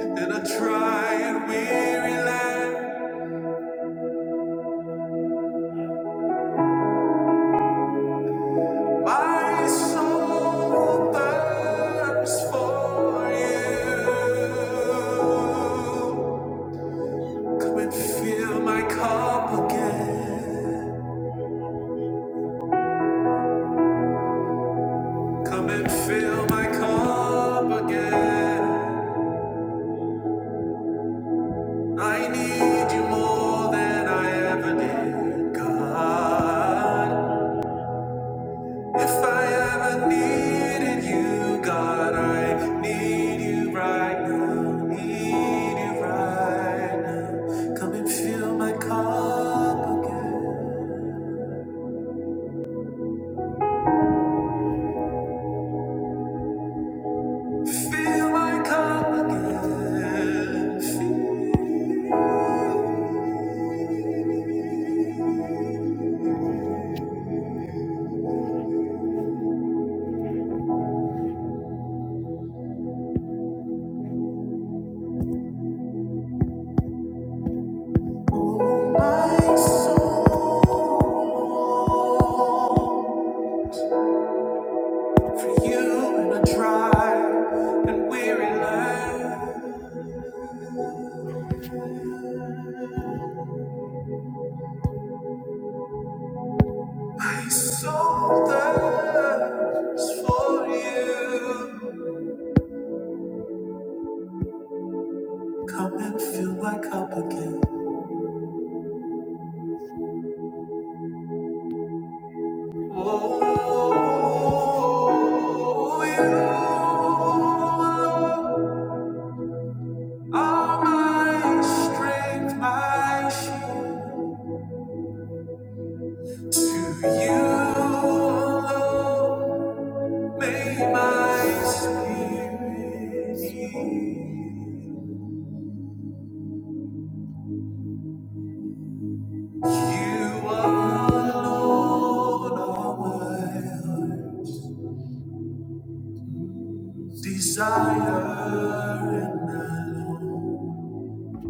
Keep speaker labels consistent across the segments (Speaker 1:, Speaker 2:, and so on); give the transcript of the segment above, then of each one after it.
Speaker 1: In a dry and weary land, my soul thirsts for you. Come and fill my cup again. Come and fill my cup again. I need you more than I ever did, God. If I ever needed you, God, I need you right now. Need you right now. Come and fill my cup again. Fill my cup again. Fill my soul. For you in a dry and weary land. My soul thirsts for you. Come and fill my cup again. Oh, you alone are my strength, my shield. To you alone may my spirit yield. You alone are worth desire and I long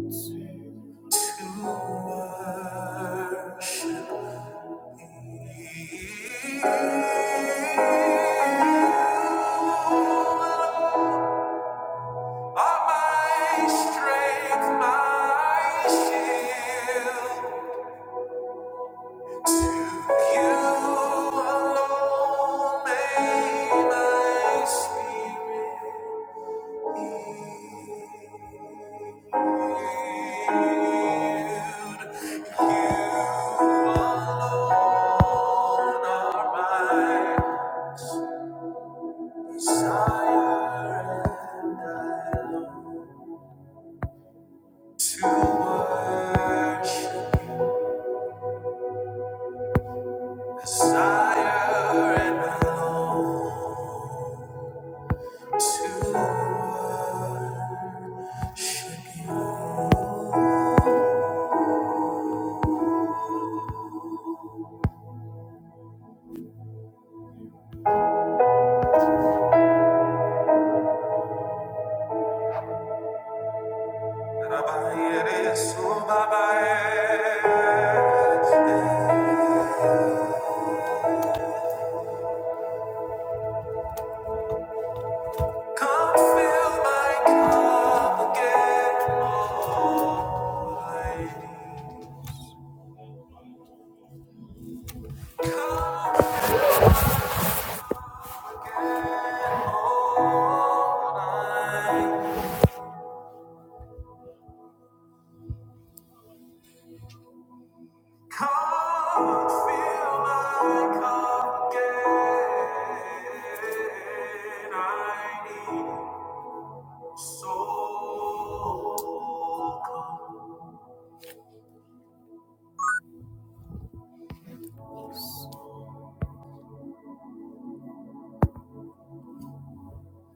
Speaker 1: to worship you. Are my strength, my shield. You alone make my spirit. Desire and I long to worship you. Come fill my cup again,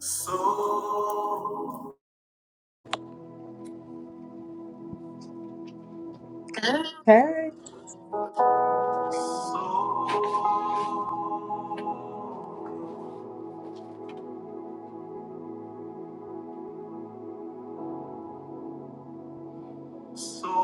Speaker 1: So
Speaker 2: Hey,
Speaker 1: So, so,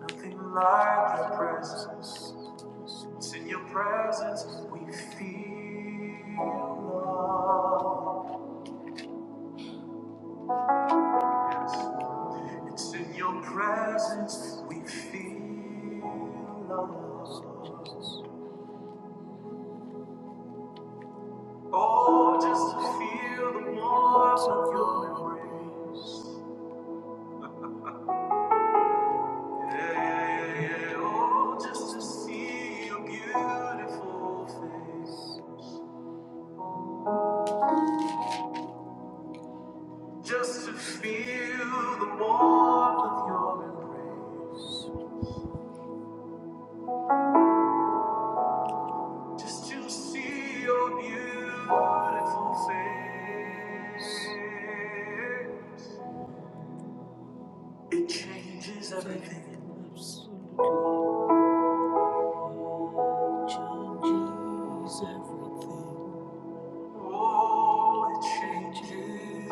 Speaker 1: nothing like your presence. It's in your presence we feel love. It's in your presence we feel love. Oh, just to feel the warmth of your embrace. Yeah, yeah, yeah, yeah. Oh, just to see your beautiful face. Just to feel the warmth of your embrace. Just to see your beautiful face. It changes everything. Absolutely Changes everything. Oh, it changes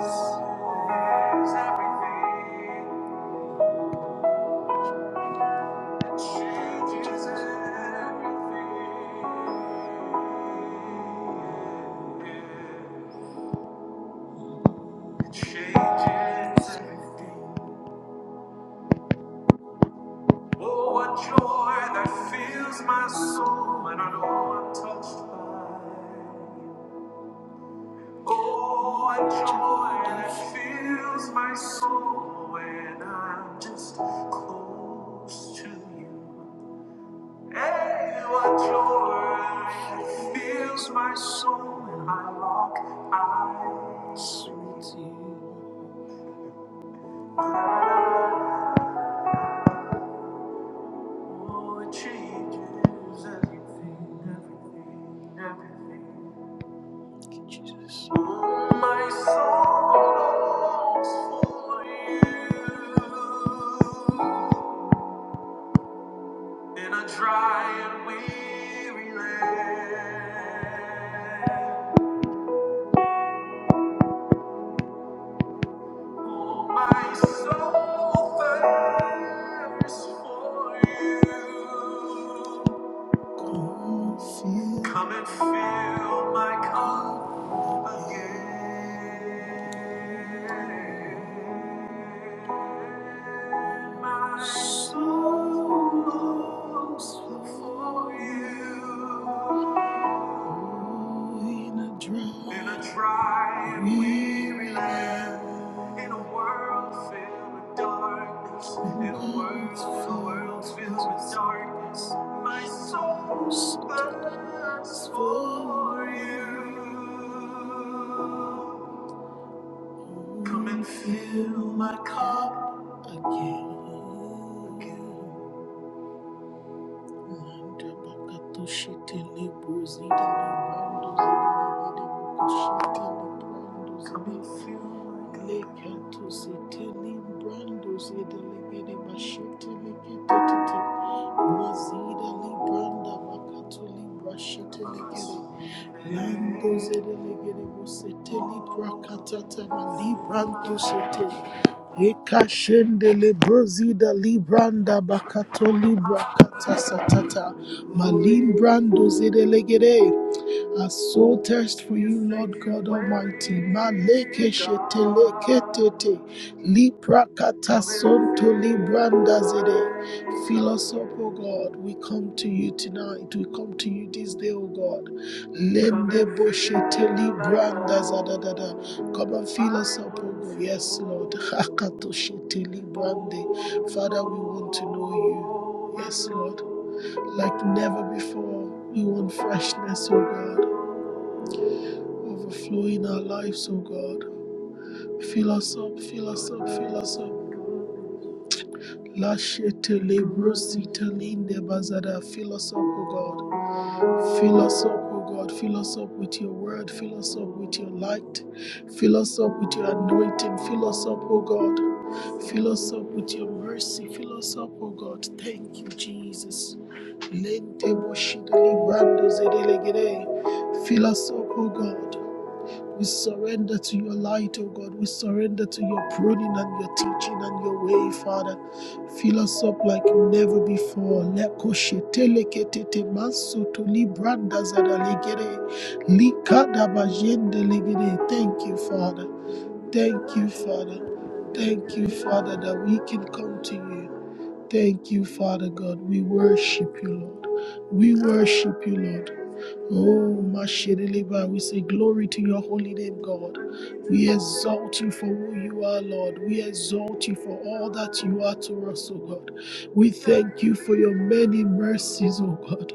Speaker 1: everything. Changes everything. It changes everything. Oh, what joy that fills my soul when I know I'm touched by. Oh, what joy that fills my soul when I'm just close to you. And what joy fills my soul when I lock eyes with you. Oh, it changes everything, everything, everything. Oh, my soul longs for you in a dry and weary land. My soul thirsts for you. Come and fill my cup again. My soul longs for you. In a dry, in a dry and weary land, in a world filled with darkness, in a world, a world filled with darkness, my soul thirsts for you. Come and fill my cup again. Manda bakatoshete lebrozida lebrandozidelegedebokoshete lebrandozide lekatozete lembrandozidelekedebashete leketetete mazida libranda bakato librashete lekede mandozede lekedebosete librakatata malibrantosete Ekashende lebrozida libranda bakato libra kata satata malimbrando zedelegere our soul thirsts for you, Lord God Almighty. Maleke sheteleketete, liprakata sonto libranda zede. Fill us up, O God. We come to you tonight. We come to you this day, O God. Lende boshete libranda zadadada. Come and fill us up, O God. Yes, Lord. Hakato shete librande. Father, we want to know you. Yes, Lord. Like never before, we want freshness, O God. Overflow in our lives, O God. Fill us up, fill us up, fill us up. Lashete lebrosita linde bazada. Fill us up, O God. Fill us up, O God. Fill us up with your word. Fill us up with your light. Fill us up with your anointing. Fill us up, O God. Fill us up with your mercy. Fill us up, O God. Thank you, Jesus. Lente boshida librando zedelegede. Fill us up, O God. We surrender to your light, O God. We surrender to your pruning and your teaching and your way, Father. Fill us up like never before. Lekosheteleketete masotolibranda zadalegere. Likadabajendelegere. Thank you, Father. Thank you, Father. Thank you, Father, that we can come to you. Thank you, Father God. We worship you, Lord. We worship you, Lord. Oh, Mashirileva, we say glory to your holy name, God. We exalt you for who you are, Lord. We exalt you for all that you are to us, oh God. We thank you for your many mercies, oh God.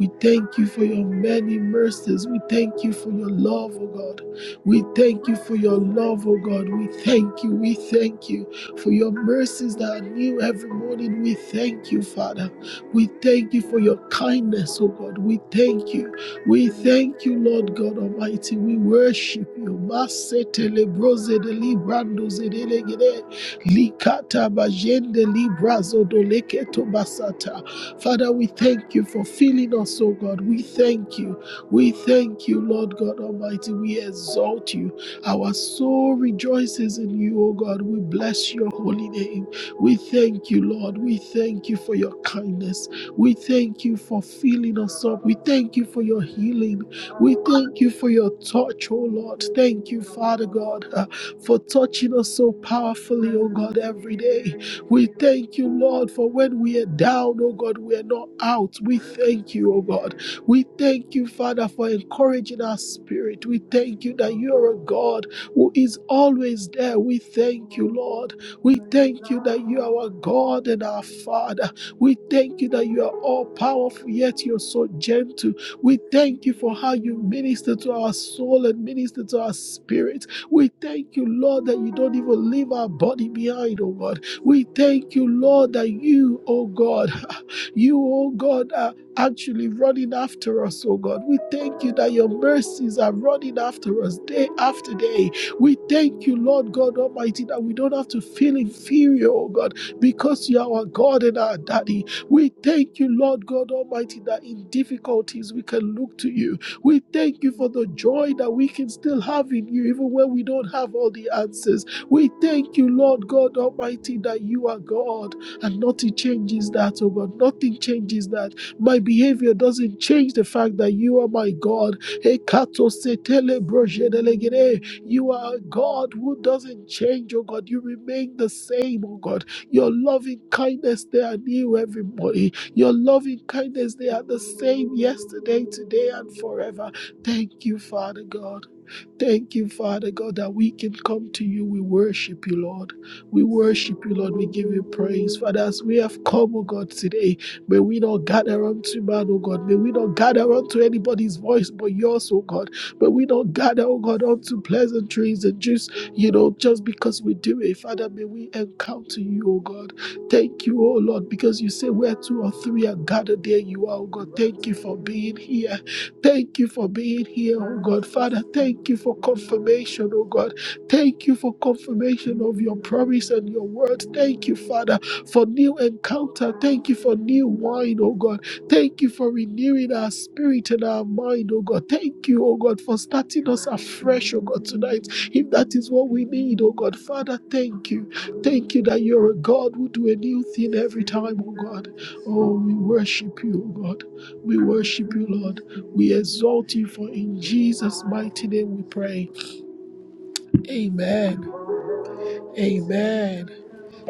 Speaker 1: We thank you for your many mercies. We thank you for your love, oh God. We thank you for your love, oh God. We thank you. We thank you for your mercies that are new every morning. We thank you, Father. We thank you for your kindness, oh God. We thank you. We thank you, Lord God Almighty. We worship you. Masete lebroze de librando zedelegede. Likata bajende librazo doleketo basata. Father, we thank you for filling us, O God. We thank you. We thank you, Lord God Almighty. We exalt you. Our soul rejoices in you, O God. We bless your holy name. We thank you, Lord. We thank you for your kindness. We thank you for filling us up. We thank you for your healing. We thank you for your touch, oh Lord. Thank you, Father God, uh, for touching us so powerfully, oh God, every day. We thank you, Lord, for when we are down, oh God, we are not out. We thank you, oh God. We thank you, Father, for encouraging our spirit. We thank you that you are a God who is always there. We thank you, Lord. We thank you that you are our God and our Father. We thank you that you are all powerful, yet you're so gentle. We thank you for how you minister to our soul and minister to our spirit. We thank you, Lord, that you don't even leave our body behind, oh God. We thank you, Lord, that you, oh God, you, oh God, are actually running after us, oh God. We thank you that your mercies are running after us day after day. We thank you, Lord God Almighty, that we don't have to feel inferior, oh God because you are our God and our daddy. We thank you, Lord God Almighty, that in difficulties we can look to you. We thank you for the joy that we can still have in you, even when we don't have all the answers. We thank you, Lord God Almighty, that you are God and nothing changes that, oh God. Nothing changes that. My behavior doesn't change the fact that you are my God. Ekato setele brojedelegede. You are a God who doesn't change, oh God. You remain the same, oh God. Your loving kindness, they are new every morning. Your loving kindness, they are the same yesterday, today, and forever. Thank you, Father God. Thank you, Father God, that we can come to you. We worship you, Lord. We worship you, Lord. We give you praise. Father, as we have come, oh God, today, may we not gather unto man, oh God. May we not gather unto anybody's voice but yours, oh God. May we not gather, oh God, unto pleasantries and just, you know, just because we do it. Father, may we encounter you, oh God. Thank you, oh Lord, because you say where two or three are gathered, there you are, oh God. Thank you for being here. Thank you for being here, oh God. Father, thank you for confirmation, oh God. Thank you for confirmation of your promise and your word. Thank you, Father, for new encounter. Thank you for new wine, oh God. Thank you for renewing our spirit and our mind, oh God. Thank you, oh God, for starting us afresh, oh God, tonight. If that is what we need, oh God. Father, thank you. Thank you that you're a God who do a new thing every time, oh God. Oh, we worship you, oh God. We worship you, Lord. We exalt you for in Jesus' mighty name we pray. Amen. Amen.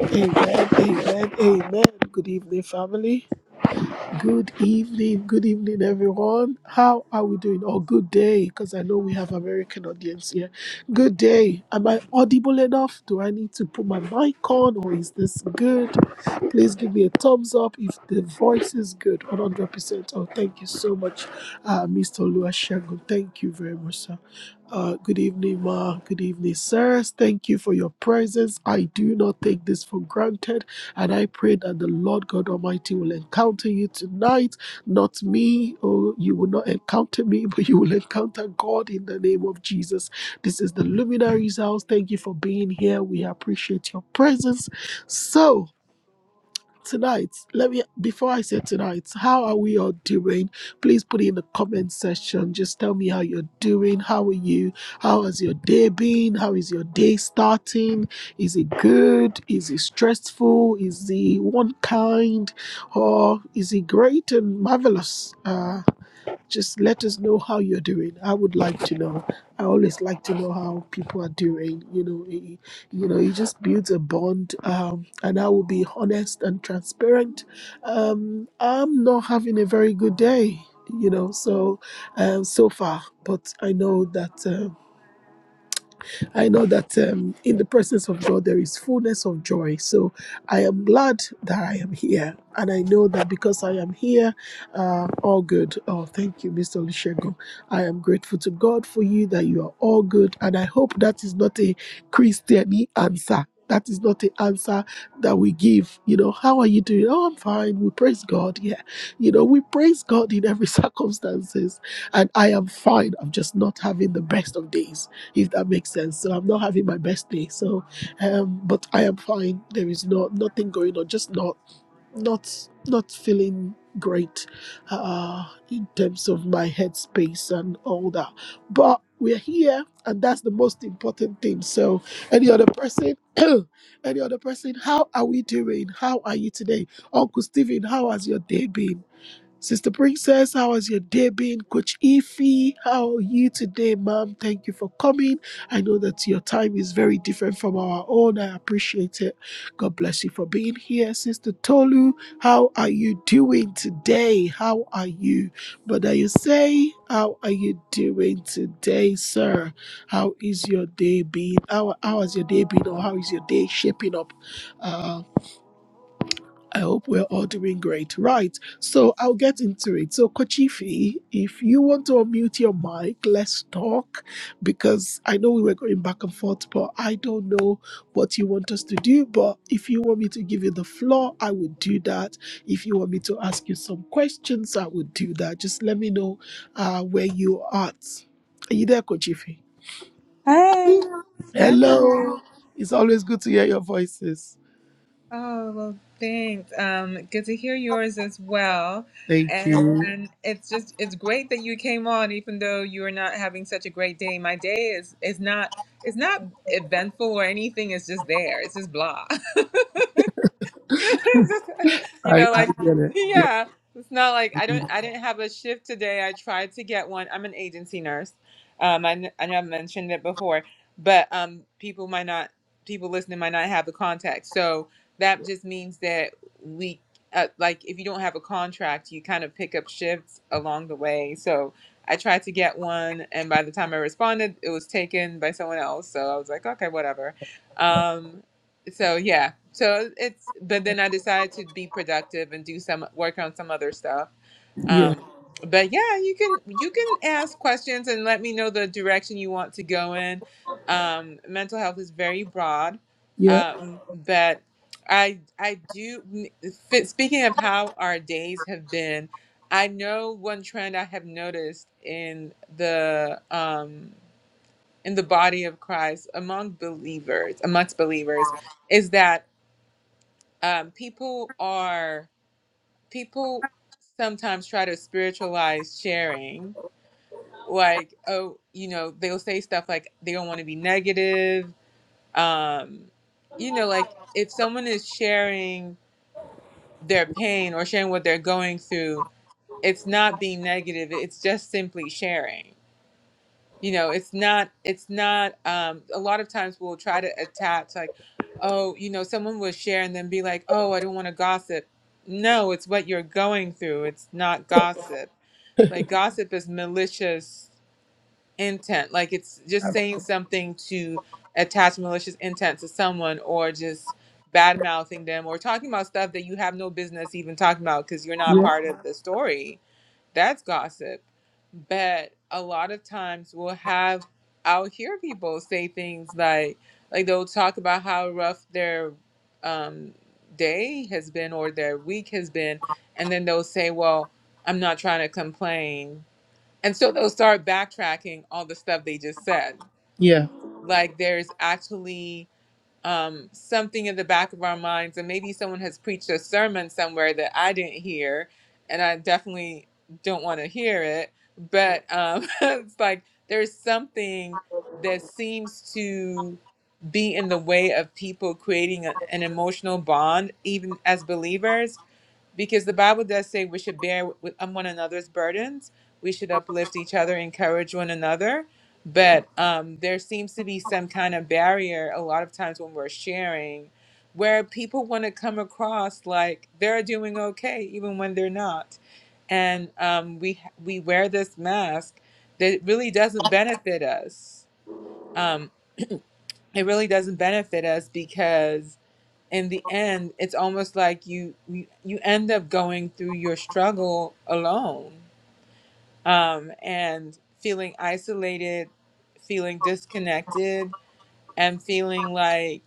Speaker 1: Amen. Amen. Amen. Good evening, family. Good evening, good evening, everyone. How are we doing? Or good day, because I know we have American audience here. Good day. Am I audible enough? Do I need to put my mic on, or is this good? Please give me a thumbs up if the voice is good, 100%. Oh, thank you so much, uh, Mr. Oluwasegun. Thank you very much, sir. Uh, good evening, ma. Good evening, sirs. Thank you for your presence. I do not take this for granted. And I pray that the Lord God Almighty will encounter you tonight, not me. Oh, you will not encounter me, but you will encounter God in the name of Jesus. This is the Luminaries House. Thank you for being here. We appreciate your presence. So, tonight let me before i say tonight how are we all doing please put it in the comment section just tell me how you're doing how are you how has your day been how is your day starting is it good is it stressful is it one kind or is it great and marvelous Uh just let us know how you're doing. I would like to know. I always like to know how people are doing. You know, it, you know, it just builds a bond. Um, and I will be honest and transparent. Um, I'm not having a very good day. You know, so um, so far, but I know that. Um, I know that um, in the presence of God there is fullness of joy. So I am glad that I am here. And I know that because I am here, uh, all good. Oh, thank you, Mr. Olushego. I am grateful to God for you that you are all good. And I hope that is not a Christian answer. That is not the answer that we give. You know, how are you doing? Oh, I'm fine. We praise God. Yeah. You know, we praise God in every circumstances. And I am fine. I'm just not having the best of days if that makes sense. So I'm not having my best day. So, um, but I am fine. There is no nothing going on. Just not not not feeling great uh, in terms of my headspace and all that. But we're here, and that's the most important thing. So, any other person, any other person, how are we doing? How are you today, Uncle Stephen? How has your day been? Sister Princess, how has your day been? Coach Ify, how are you today, ma'am? Thank you for coming. I know that your time is very different from our own. I appreciate it. God bless you for being here. Sister Tolu, how are you doing today? How are you? Brother, you say, how are you doing today, sir? How is your day been? How, how has your day been or how is your day shaping up? uh, I hope we're all doing great. Right. So I'll get into it. So, Kochifi, if you want to unmute your mic, let's talk because I know we were going back and forth, but I don't know what you want us to do. But if you want me to give you the floor, I would do that. If you want me to ask you some questions, I would do that. Just let me know uh, where you are at. Are you there, Kochifi?
Speaker 2: hey, I'm here.
Speaker 1: Hello. It's always good to hear your voices.
Speaker 2: Oh, well, thanks. Um, good to hear yours as well.
Speaker 1: Thank
Speaker 2: And
Speaker 1: you.
Speaker 2: and it's just it's great that you came on, even though you are not having such a great day. My day is is not it's not eventful or anything. It's just there. It's just blah. you
Speaker 1: I,
Speaker 2: know, like
Speaker 1: I get it. Yeah.
Speaker 2: yeah, it's not like I don't I didn't have a shift today. I tried to get one. I'm an agency nurse. Um, I kn- I know I've mentioned it before, but um, people might not people listening might not have the contact. So that just means that we uh, like if you don't have a contract, you kind of pick up shifts along the way. So. I tried to get one, and by the time I responded, it was taken by someone else. So I was like, okay, whatever. Um, so yeah so it's but then i decided to be productive and do some work on some other stuff
Speaker 1: Yeah.
Speaker 2: um but yeah you can you can ask questions and let me know the direction you want to go in um mental health is very broad
Speaker 1: yeah.
Speaker 2: um but i i do f- speaking of how our days have been i know one trend i have noticed in the um in the body of christ among believers amongst believers is that um, people are people sometimes try to spiritualize sharing like oh you know they'll say stuff like they don't want to be negative um you know like if someone is sharing their pain or sharing what they're going through it's not being negative it's just simply sharing you know it's not it's not um a lot of times we'll try to attach like oh you know someone will share and then be like oh i don't want to gossip no it's what you're going through it's not gossip like gossip is malicious intent like it's just saying something to attach malicious intent to someone or just bad mouthing them or talking about stuff that you have no business even talking about because you're not
Speaker 1: Yeah,
Speaker 2: part of the story that's gossip. But a lot of times we'll have I'll hear people say things like like they'll talk about how rough their um, day has been or their week has been, and then they'll say, "Well, I'm not trying to complain," and so they'll start backtracking all the stuff they just said.
Speaker 1: yeah,
Speaker 2: Like there's actually um, something in the back of our minds, and maybe someone has preached a sermon somewhere that I didn't hear, and I definitely don't want to hear it. But um, it's like there's something that seems to be in the way of people creating a, an emotional bond, even as believers because the Bible does say we should bear with um, one another's burdens. We should uplift each other, encourage one another. But um, there seems to be some kind of barrier a lot of times when we're sharing where people want to come across like they're doing okay, even when they're not. And um, we, we wear this mask that really doesn't benefit us. Um, it really doesn't benefit us because in the end it's almost like you you you end up going through your struggle alone um and feeling isolated feeling disconnected and feeling like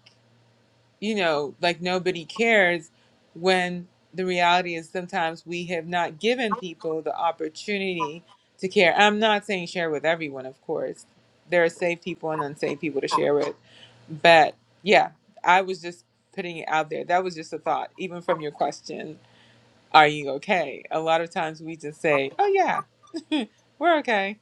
Speaker 2: you know, like nobody cares when the reality is sometimes we have not given people the opportunity to care. I'm not saying share with everyone, of course. There are safe people and unsafe people to share with. But yeah, I was just putting it out there. That was just a thought, even from your question, are you okay? A lot of times we just say, oh, yeah, we're okay.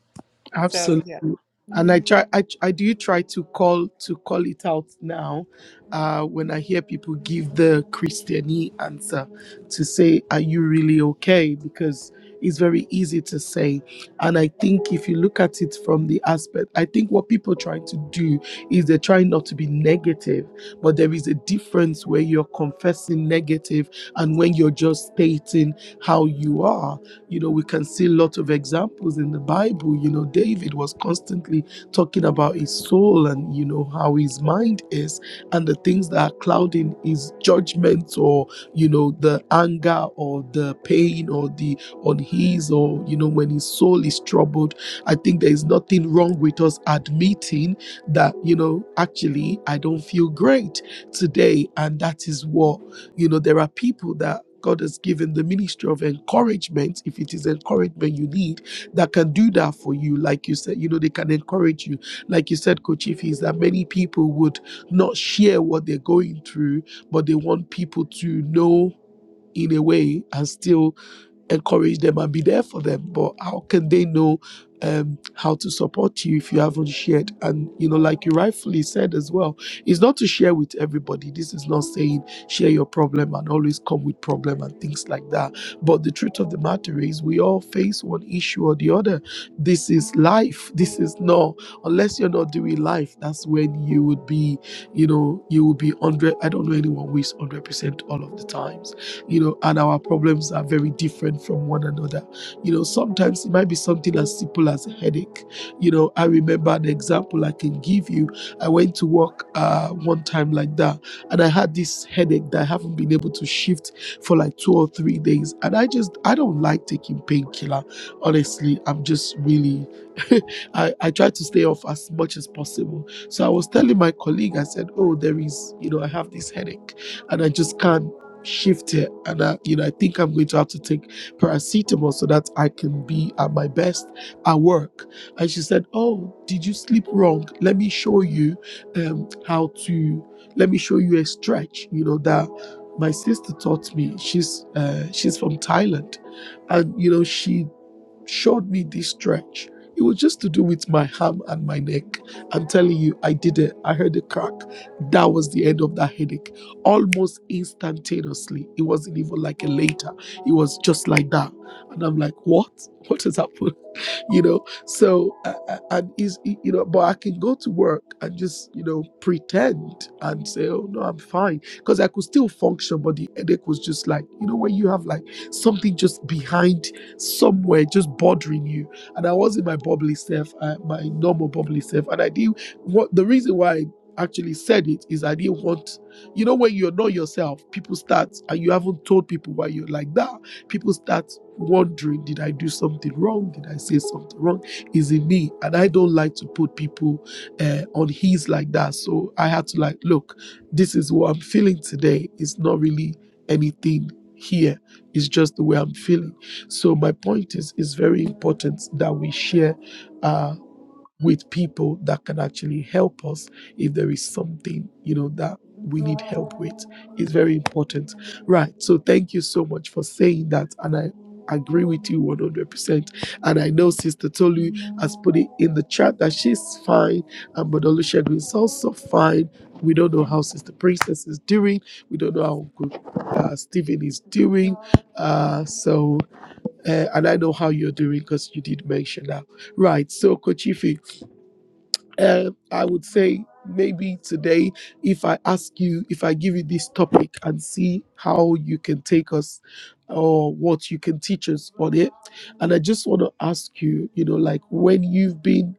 Speaker 2: So,
Speaker 1: absolutely.
Speaker 2: yeah.
Speaker 1: And I try, I, I do try to call to call it out now, uh, when I hear people give the Christiani answer to say, "Are you really okay?" Because it's very easy to say, and I think if you look at it from the aspect, I think what people are trying to do is they're trying not to be negative, but there is a difference where you're confessing negative and when you're just stating how you are You know, we can see lots of examples in the Bible. You know, David was constantly talking about his soul and, you know, how his mind is and the things that are clouding his judgment or, you know, the anger or the pain or the on his or, you know, when his soul is troubled. I think there is nothing wrong with us admitting that, you know, actually, I don't feel great today. And that is what you know there are people that god has given the ministry of encouragement if it is encouragement you need that can do that for you like you said you know they can encourage you like you said coach if is that many people would not share what they're going through but they want people to know in a way and still encourage them and be there for them but how can they know um, how to support you if you haven't shared and you know like you rightfully said as well it's not to share with everybody this is not saying share your problem and always come with problem and things like that but the truth of the matter is we all face one issue or the other this is life this is not unless you're not doing life that's when you would be you know you will be 100 i don't know anyone who is 100% all of the times you know, and our problems are very different from one another. You know, sometimes it might be something as simple as a headache. You know, I remember an example I can give you. I went to work uh, one time like that, and I had this headache that I haven't been able to shift for like two or three days. And I just, I don't like taking painkiller. Honestly, I'm just really, I, I try to stay off as much as possible. So I was telling my colleague, I said, Oh, there is, you know, I have this headache and I just can't shift here and I, you know i think i'm going to have to take paracetamol so that i can be at my best at work and she said oh did you sleep wrong let me show you um, how to let me show you a stretch you know that my sister taught me she's uh, she's from thailand and you know she showed me this stretch. It was just to do with my arm and my neck. I'm telling you, I did it. I heard a crack. That was the end of that headache. Almost instantaneously. It wasn't even like a later. It was just like that. And I'm like, what? What has happened? you know so uh, uh, and is you know but i can go to work and just you know pretend and say oh no i'm fine because i could still function but the headache was just like you know when you have like something just behind somewhere just bothering you. And I was in my bubbly self, uh, my normal bubbly self. And I didn't what the reason why I actually said it is I didn't want, you know, when you're not yourself, people start and you haven't told people why you're like that. People start wondering, did I do something wrong? Did I say something wrong? Is it me? And I don't like to put people uh, on his like that. So I had to like, look, this is what I'm feeling today. It's not really anything here. It's just the way I'm feeling. So my point is, it's very important that we share uh, with people that can actually help us if there is something you know that we need help with. It's very important, right? So thank you so much for saying that, and I agree with you 100%. And I know Sister Tolu has put it in the chat that she's fine, and Brother Olusegun is also fine. We don't know how Sister Princess is doing. We don't know how Uncle uh, Stephen is doing. Uh, so uh, and I know how you're doing because you did mention that. Right. So, Kochife, uh, I would say maybe today, if I ask you, if I give you this topic and see how you can take us or what you can teach us on it. And I just want to ask you, you know, like when you've been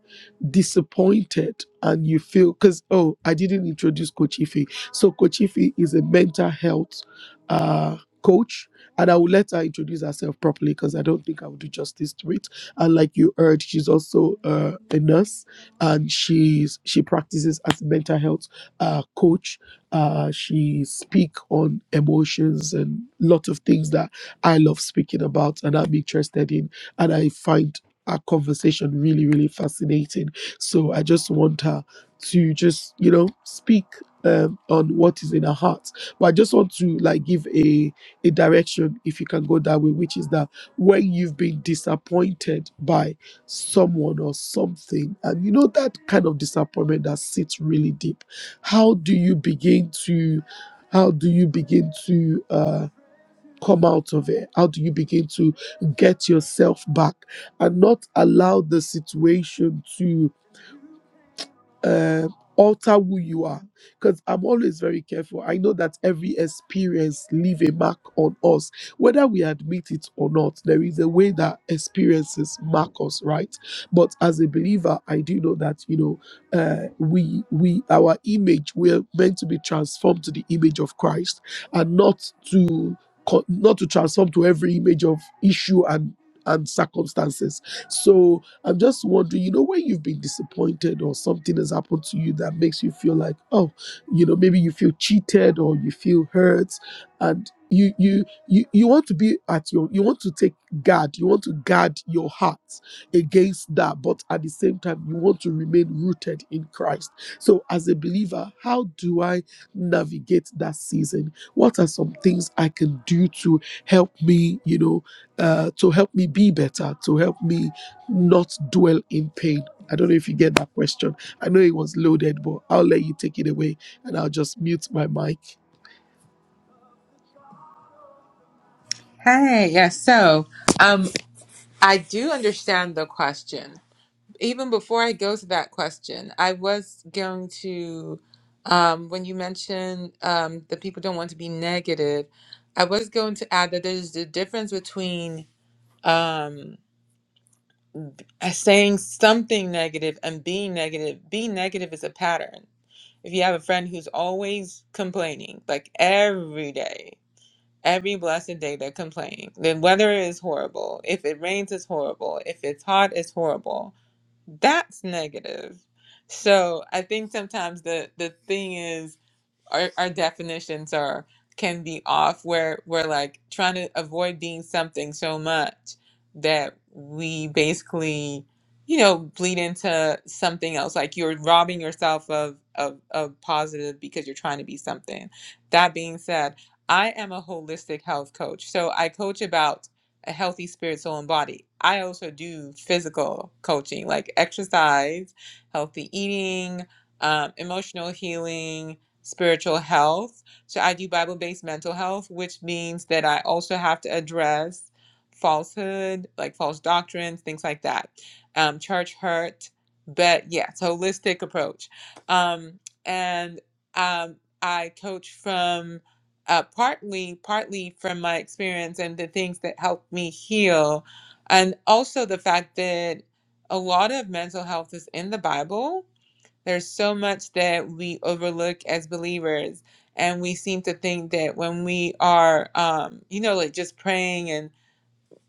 Speaker 1: disappointed and you feel, because, oh, I didn't introduce Coach Ife. So, Coach Ife is a mental health uh, coach. And I will let her introduce herself properly because I don't think I will do justice to it. And like you heard, she's also uh, a nurse and she's she practices as a mental health uh, coach. Uh, she speak on emotions and lot of things that I love speaking about and I'm interested in, and I find our conversation really really fascinating. So I just want her to just you know speak. Um, on what is in her heart but i just want to like give a a direction if you can go that way which is that when you've been disappointed by someone or something and you know that kind of disappointment that sits really deep how do you begin to how do you begin to uh come out of it how do you begin to get yourself back and not allow the situation to? uh, alter who you are because i'm always very careful i know that every experience leave a mark on us whether we admit it or not there is a way that experiences mark us right but as a believer i do know that you know uh, we we our image we're meant to be transformed to the image of christ and not to co- not to transform to every image of issue and and circumstances so I'm just wondering, you know, when you've been disappointed or something has happened to you that makes you feel like, oh, you know, maybe you feel cheated or you feel hurt, and you you you you want to be at your you want to take guard, you want to guard your heart against that, but at the same time you want to remain rooted in Christ. So as a believer, how do I navigate that season? What are some things I can do to help me, you know, uh, to help me be better, to help me not dwell in pain? I don't know if you get that question. I know it was loaded, but I'll let you take it away and I'll just mute my mic.
Speaker 2: Hey, yes. So, um, I do understand the question. even before I go to that question, I was going to, um, when you mentioned um, that people don't want to be negative, I was going to add that there's a difference between um, saying something negative and being negative. Being negative is a pattern. If you have a friend who's always complaining, like every day, every blessed day they're complaining, the weather is horrible. If it rains, it's horrible. If it's hot, it's horrible that's negative. So I think sometimes the the thing is our, our definitions are can be off where we're like trying to avoid being something so much that we basically you know bleed into something else like you're robbing yourself of of, of positive because you're trying to be something that being said i am a holistic health coach so i coach about a healthy spirit soul and body i also do physical coaching like exercise healthy eating um, emotional healing spiritual health. So I do Bible based mental health, which means that I also have to address falsehood, like false doctrines, things like that, um, church hurt. But yeah, it's a holistic approach. Um, and um, I coach from uh, partly, partly from my experience and the things that helped me heal, and also the fact that a lot of mental health is in the Bible there's so much that we overlook as believers, and we seem to think that when we are, um, you know, like just praying and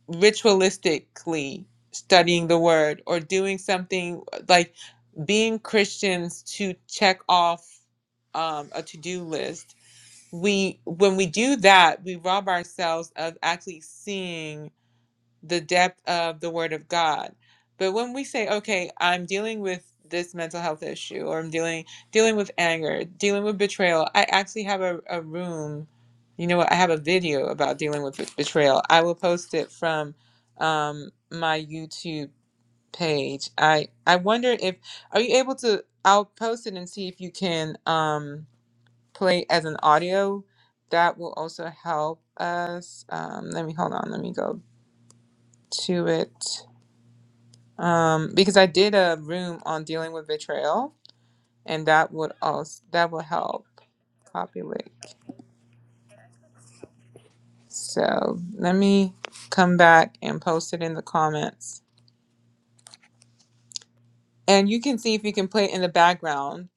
Speaker 2: ritualistically studying the word or doing something like being Christians to check off um, a to do list, we when we do that, we rob ourselves of actually seeing the depth of the word of God. But when we say, okay, I'm dealing with this mental health issue or I'm dealing dealing with anger, dealing with betrayal, I actually have a, a room. You know what? I have a video about dealing with betrayal. I will post it from um, my YouTube page. I I wonder if are you able to I'll post it and see if you can um, play as an audio. That will also help us. Um, let me hold on. Let me go to it um, because I did a room on dealing with betrayal, and that would also that will help populate. So let me come back and post it in the comments, and you can see if you can play it in the background,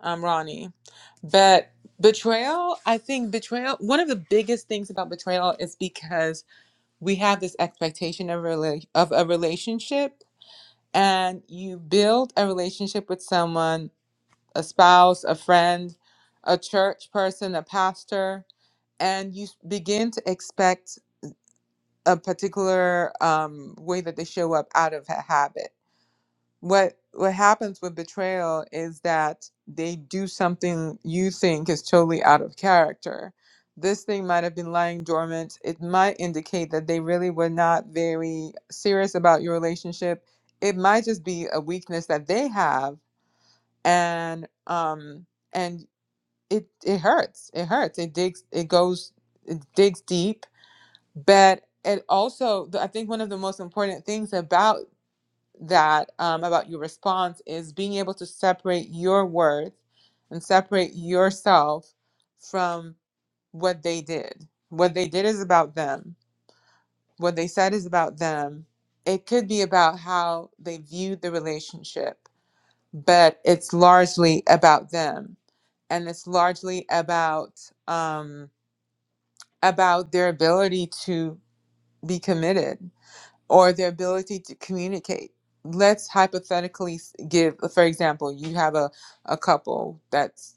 Speaker 2: um, Ronnie. But betrayal, I think betrayal. One of the biggest things about betrayal is because we have this expectation of a rela- of a relationship, and you build a relationship with someone a spouse, a friend, a church person, a pastor, and you s- begin to expect a particular um, way that they show up out of a habit. What what happens with betrayal is that they do something you think is totally out of character. This thing might have been lying dormant. It might indicate that they really were not very serious about your relationship. It might just be a weakness that they have, and um, and it it hurts. It hurts. It digs. It goes. It digs deep. But it also, I think, one of the most important things about that, um, about your response, is being able to separate your worth and separate yourself from what they did. What they did is about them. What they said is about them. It could be about how they viewed the relationship, but it's largely about them, and it's largely about. Um, about their ability to be committed or their ability to communicate. Let's hypothetically s- give, for example, you have a, a couple that's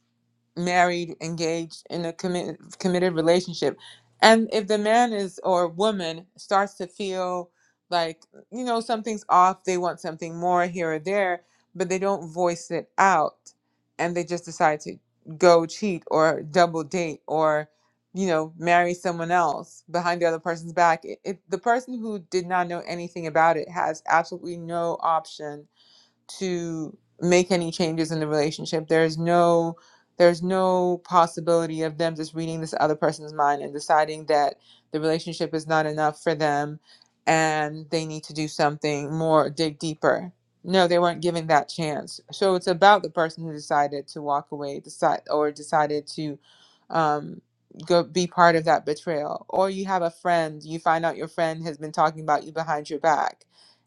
Speaker 2: married, engaged in a committed committed relationship. And if the man is or woman starts to feel like, you know, something's off, they want something more here or there, but they don't voice it out and they just decide to go cheat or double date or you know, marry someone else behind the other person's back. It, it, the person who did not know anything about it has absolutely no option to make any changes in the relationship. There's no there's no possibility of them just reading this other person's mind and deciding that the relationship is not enough for them and they need to do something more, dig deeper. No, they weren't given that chance. So it's about the person who decided to walk away, decide or decided to um, go be part of that betrayal. Or you have a friend, you find out your friend has been talking about you behind your back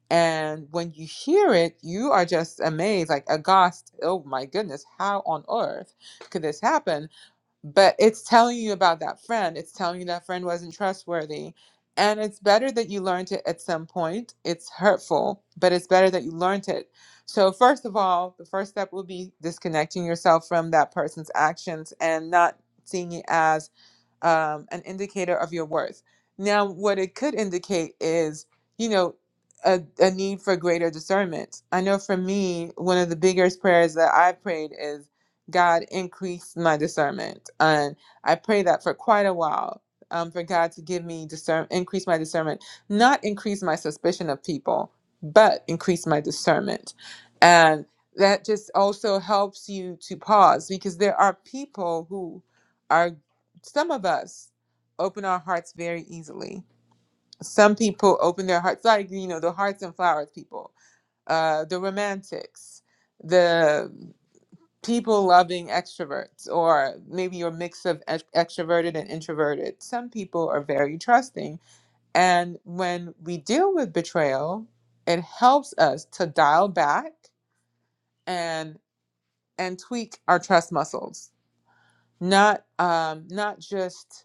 Speaker 2: and when you hear it, you are just amazed, like aghast. Oh my goodness, how on earth could this happen? But it's telling you about that friend. It's telling you that friend wasn't trustworthy. And it's better that you learned it at some point. It's hurtful, but it's better that you learned it. So, first of all, the first step will be disconnecting yourself from that person's actions and not seeing it as um, an indicator of your worth. Now, what it could indicate is, you know, a, a need for greater discernment. I know for me, one of the biggest prayers that I prayed is, God, increase my discernment. And I prayed that for quite a while. Um, for God to give me discern, increase my discernment, not increase my suspicion of people, but increase my discernment. And that just also helps you to pause because there are people who are some of us open our hearts very easily. Some people open their hearts, like you know, the hearts and flowers people, uh, the romantics, the people loving extroverts, or maybe your mix of ex- extroverted and introverted. Some people are very trusting, and when we deal with betrayal, it helps us to dial back and and tweak our trust muscles, not um, not just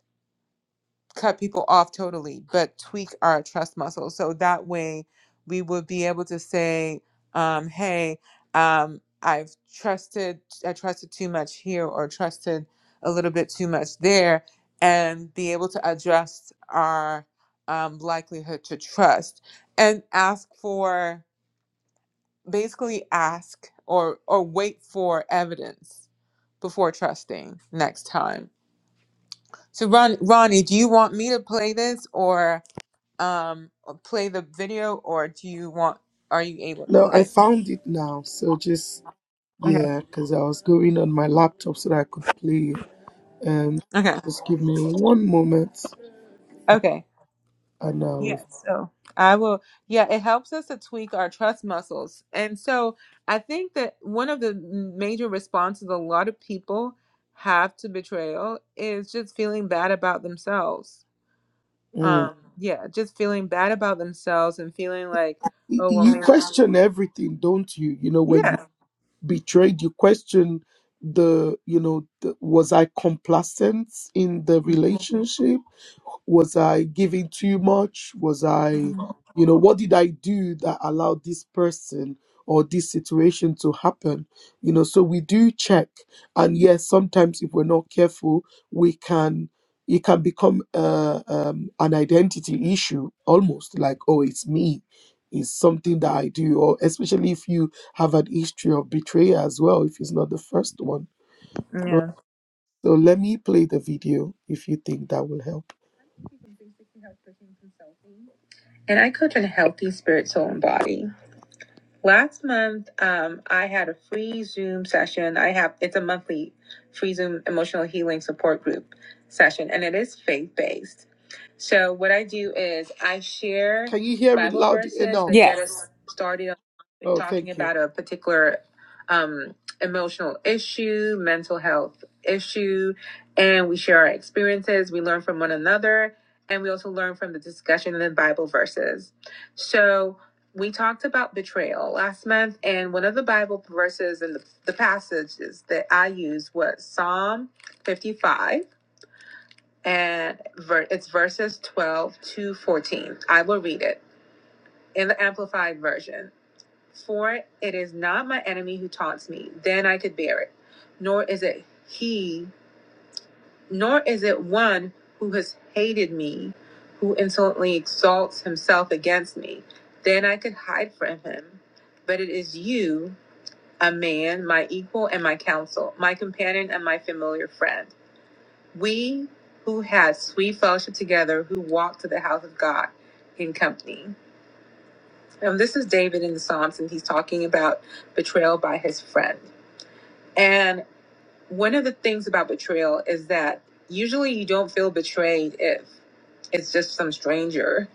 Speaker 2: cut people off totally, but tweak our trust muscle. So that way we would be able to say, um, hey, um, I've trusted, I trusted too much here or trusted a little bit too much there, and be able to adjust our um, likelihood to trust and ask for basically ask or or wait for evidence before trusting next time. So Ron, Ronnie, do you want me to play this or um uh, play the video or do you want are you able to
Speaker 1: No, I
Speaker 2: play it
Speaker 1: found it now. So just
Speaker 2: okay
Speaker 1: yeah, because I was going on my laptop so that I could play. Um,
Speaker 2: okay
Speaker 1: just give me one moment,
Speaker 2: okay
Speaker 1: and
Speaker 2: yeah
Speaker 1: I'll.
Speaker 2: so i will yeah it helps us to tweak our trust muscles and so i think that one of the major responses a lot of people have to betrayal is just feeling bad about themselves
Speaker 1: Mm.
Speaker 2: um yeah just feeling bad about themselves and feeling like
Speaker 1: Y-
Speaker 2: oh well
Speaker 1: You
Speaker 2: maybe
Speaker 1: question everything, don't you? You know, when you
Speaker 2: yeah
Speaker 1: betrayed, you question the. You know, the, was I complacent in the
Speaker 2: Mhm.
Speaker 1: relationship? was i giving too much was i
Speaker 2: Mhm.
Speaker 1: you know what did i do that allowed this person or this situation to happen you know so we do check and yes sometimes if we're not careful we can it can become uh, um, an identity issue almost like oh it's me it's something that i do or especially if you have an history of betrayal as well if it's not the first one
Speaker 2: yeah
Speaker 1: so let me play the video if you think that will help and I coach on healthy spirit, soul, and body. Last month, um, I had a free Zoom session. I have it's a monthly free Zoom emotional healing support group session, and it is faith based. So what I do is I share Can you hear me Bible loud verses enough? that get
Speaker 2: yes
Speaker 1: us started on Oh, talking thank you. about a particular um, emotional issue, mental health issue, and we share our experiences. We learn from one another, and we also learn from the discussion in the Bible verses. So we talked about betrayal last month, and one of the Bible verses and the, the passages that I used was Psalm 55, and ver- it's verses 12 to 14. I will read it in the Amplified Version. For it is not my enemy who taunts me, then I could bear it, nor is it he, nor is it one who has hated me, who insolently exalts himself against me, then I could hide from him but it is you a man, my equal and my counsel, my companion and my familiar friend. We who had sweet fellowship together, who walked to the house of God in company. Now, this is David in the Psalms, and he's talking about betrayal by his friend. And one of the things about betrayal is that usually you don't feel betrayed if it's just some stranger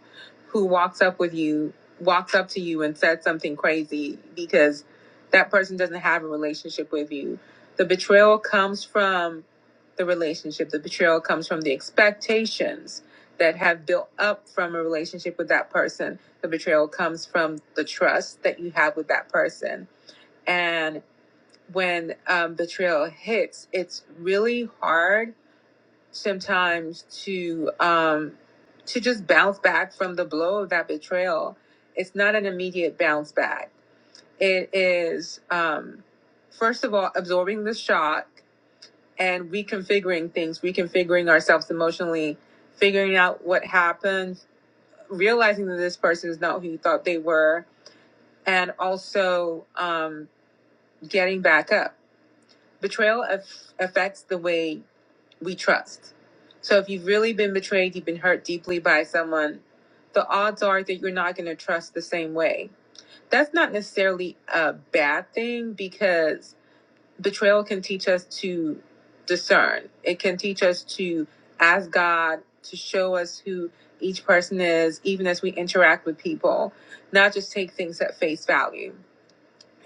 Speaker 1: who walks up with you walks up to you and says something crazy because that person doesn't have a relationship with you the betrayal comes from the relationship the betrayal comes from the expectations that have built up from a relationship with that person the betrayal comes from the trust that you have with that person when um, betrayal hits, it's really hard sometimes to um, to just bounce back from the blow of that betrayal. It's not an immediate bounce back. It is um, first of all absorbing the shock and reconfiguring things, reconfiguring ourselves emotionally, figuring out what happened, realizing that this person is not who you thought they were, and also um, getting back up Betrayal aff- affects the way we trust. So if you've really been betrayed, you've been hurt deeply by someone, the odds are that you're not going to trust the same way. That's not necessarily a bad thing because betrayal can teach us to discern. It can teach us to ask God to show us who each person is, even as we interact with people, not just take things at face value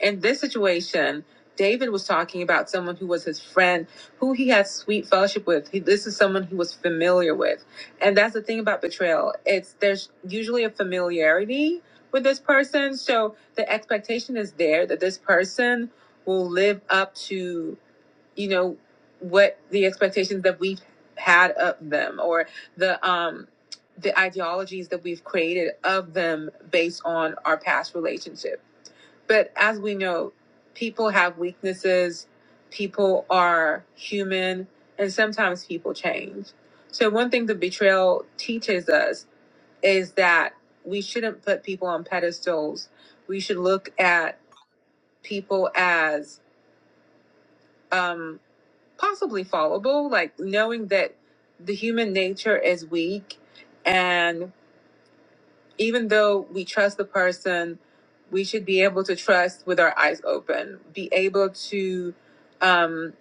Speaker 1: in this situation, David was talking about someone who was his friend, who he had sweet fellowship with. He, this is someone he was familiar with, and that's the thing about betrayal. It's there's usually a familiarity with this person, so the expectation is there that this person will live up to, you know, what the expectations that we've had of them, or the um the ideologies that we've created of them based on our past relationship but as we know, people have weaknesses, people are human, and sometimes people change. So, one thing the betrayal teaches us is that we shouldn't put people on pedestals. We should look at people as um, possibly fallible, like knowing that the human nature is weak and. even though we trust the person, we should be able to trust with our eyes open, be able to um,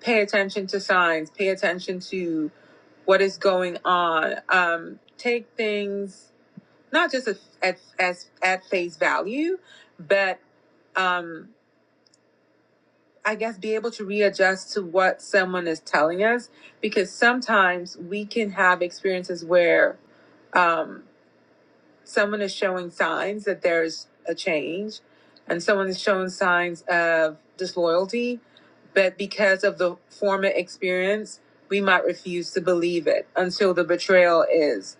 Speaker 1: pay attention to signs, pay attention to what is going on, um, take things not just at, at, as, at face value, but um, I guess be able to readjust to what someone is telling us because sometimes we can have experiences where um, Someone is showing signs that there's a change, and someone is showing signs of disloyalty. But because of the former experience, we might refuse to believe it until the betrayal is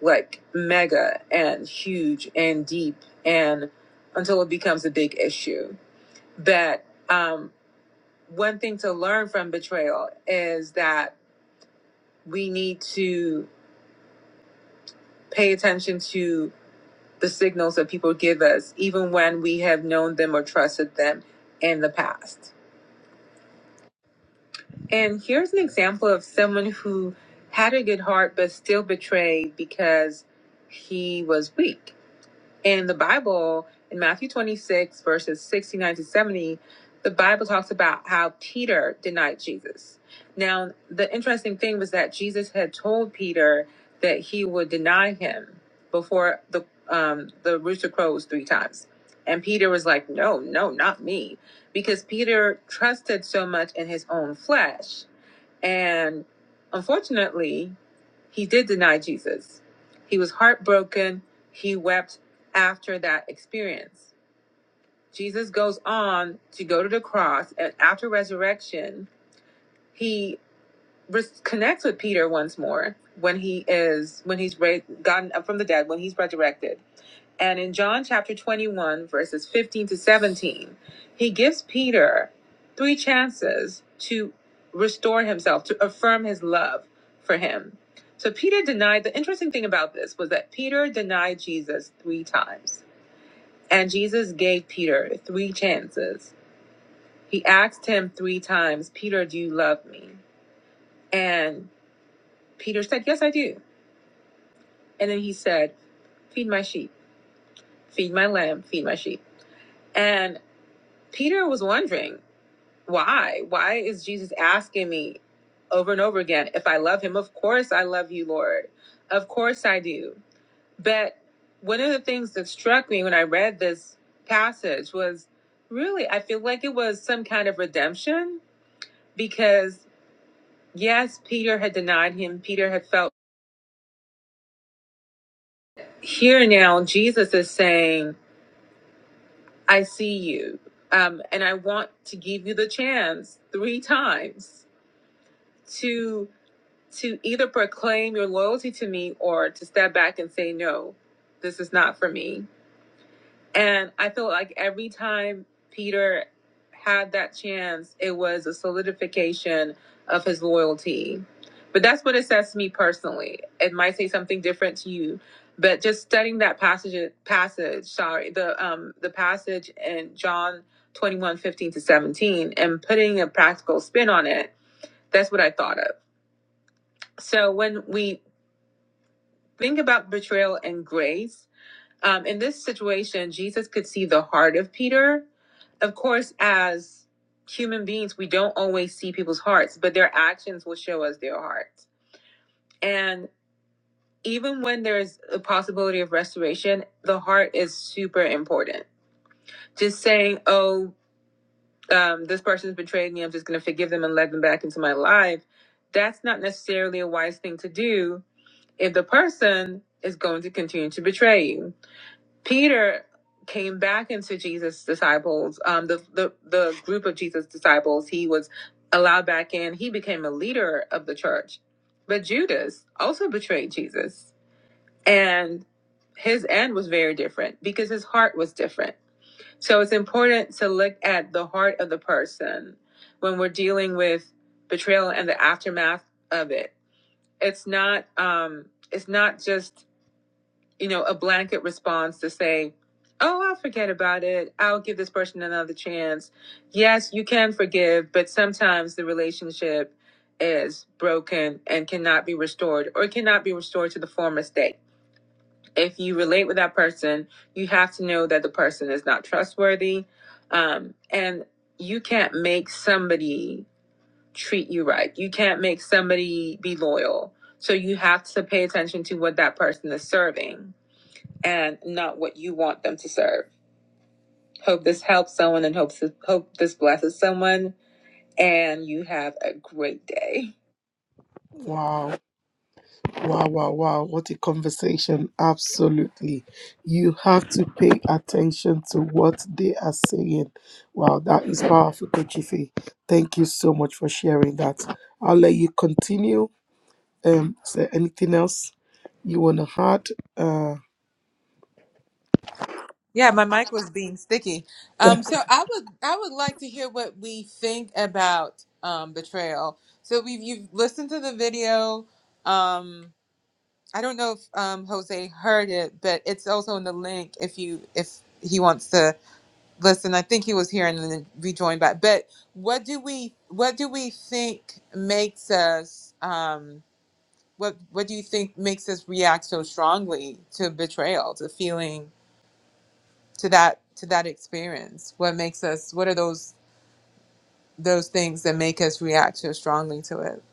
Speaker 1: like mega and huge and deep, and until it becomes a big issue. But um, one thing to learn from betrayal is that we need to pay attention to the signals that people give us, even when we have known them or trusted them in the past. And here's an example of someone who had a good heart but still betrayed because he was weak in the Bible, in Matthew 26, verses 69 to 70, the Bible talks about how Peter denied Jesus. Now, the interesting thing was that Jesus had told Peter that he would deny him before the um, the rooster crows three times. And Peter was like, No, no, not me. Because Peter trusted so much in his own flesh and unfortunately, he did deny Jesus. He was heartbroken. He wept after that experience. Jesus goes on to go to the cross, and after resurrection, he res- connects with Peter once more when he is when he's ra- gotten up from the dead when he's resurrected. And in John chapter 21 verses 15 to 17, he gives Peter three chances to restore himself to affirm his love for him. So Peter denied the interesting thing about this was that Peter denied Jesus 3 times. And Jesus gave Peter three chances. He asked him 3 times, "Peter, do you love me?" And Peter said, Yes, I do. And then he said, Feed my sheep, feed my lamb, feed my sheep. And Peter was wondering, Why? Why is Jesus asking me over and over again if I love him? Of course I love you, Lord. Of course I do. But one of the things that struck me when I read this passage was really, I feel like it was some kind of redemption because, yes, Peter had denied him. Peter had felt here now, Jesus is saying, I see you. Um, and I want to give you the chance three times to to either proclaim your loyalty to me or to step back and say no, this is not for me. And I feel like every time Peter had that chance, it was a solidification of his loyalty. But that's what it says to me personally. It might say something different to you, but just studying that passage passage, sorry, the um the passage in John 21 15 to 17 and putting a practical spin on it, that's what I thought of. So when we think about betrayal and grace, um, in this situation, Jesus could see the heart of Peter. Of course, as human beings, we don't always see people's hearts, but their actions will show us their hearts. And even when there's a possibility of restoration, the heart is super important. Just saying, oh, um, this person's betrayed me, I'm just going to forgive them and let them back into my life, that's not necessarily a wise thing to do if the person is going to continue to betray you Peter came back into Jesus' disciples, um, the, the the group of Jesus' disciples. He was allowed back in. He became a leader of the church. But Judas also betrayed Jesus, and his end was very different because his heart was different. So it's important to look at the heart of the person when we're dealing with betrayal and the aftermath of it. It's not um, it's not just you know, a blanket response to say, oh, I'll forget about it. I'll give this person another chance. Yes, you can forgive, but sometimes the relationship is broken and cannot be restored or cannot be restored to the former state. If you relate with that person, you have to know that the person is not trustworthy. Um, and you can't make somebody treat you right. You can't make somebody be loyal. So you have to pay attention to what that person is serving and not what you want them to serve. Hope this helps someone and hopes hope this blesses someone and you have a great day. Wow, wow, wow, wow. What a conversation. Absolutely. You have to pay attention to what they are saying. Wow, that is powerful, Kochifi. Thank you so much for sharing that. I'll let you continue. Um, is there anything else you want to add?
Speaker 2: Yeah, my mic was being sticky.
Speaker 1: Uh,
Speaker 2: Um, so I would I would like to hear what we think about um, betrayal. So we've you've listened to the video. Um, I don't know if um, Jose heard it, but it's also in the link if you if he wants to listen. I think he was here and then rejoined back. But what do we what do we think makes us um, what what do you think makes us react so strongly to betrayal, to feeling to that to that experience what makes us what are those those things that make us react so strongly to it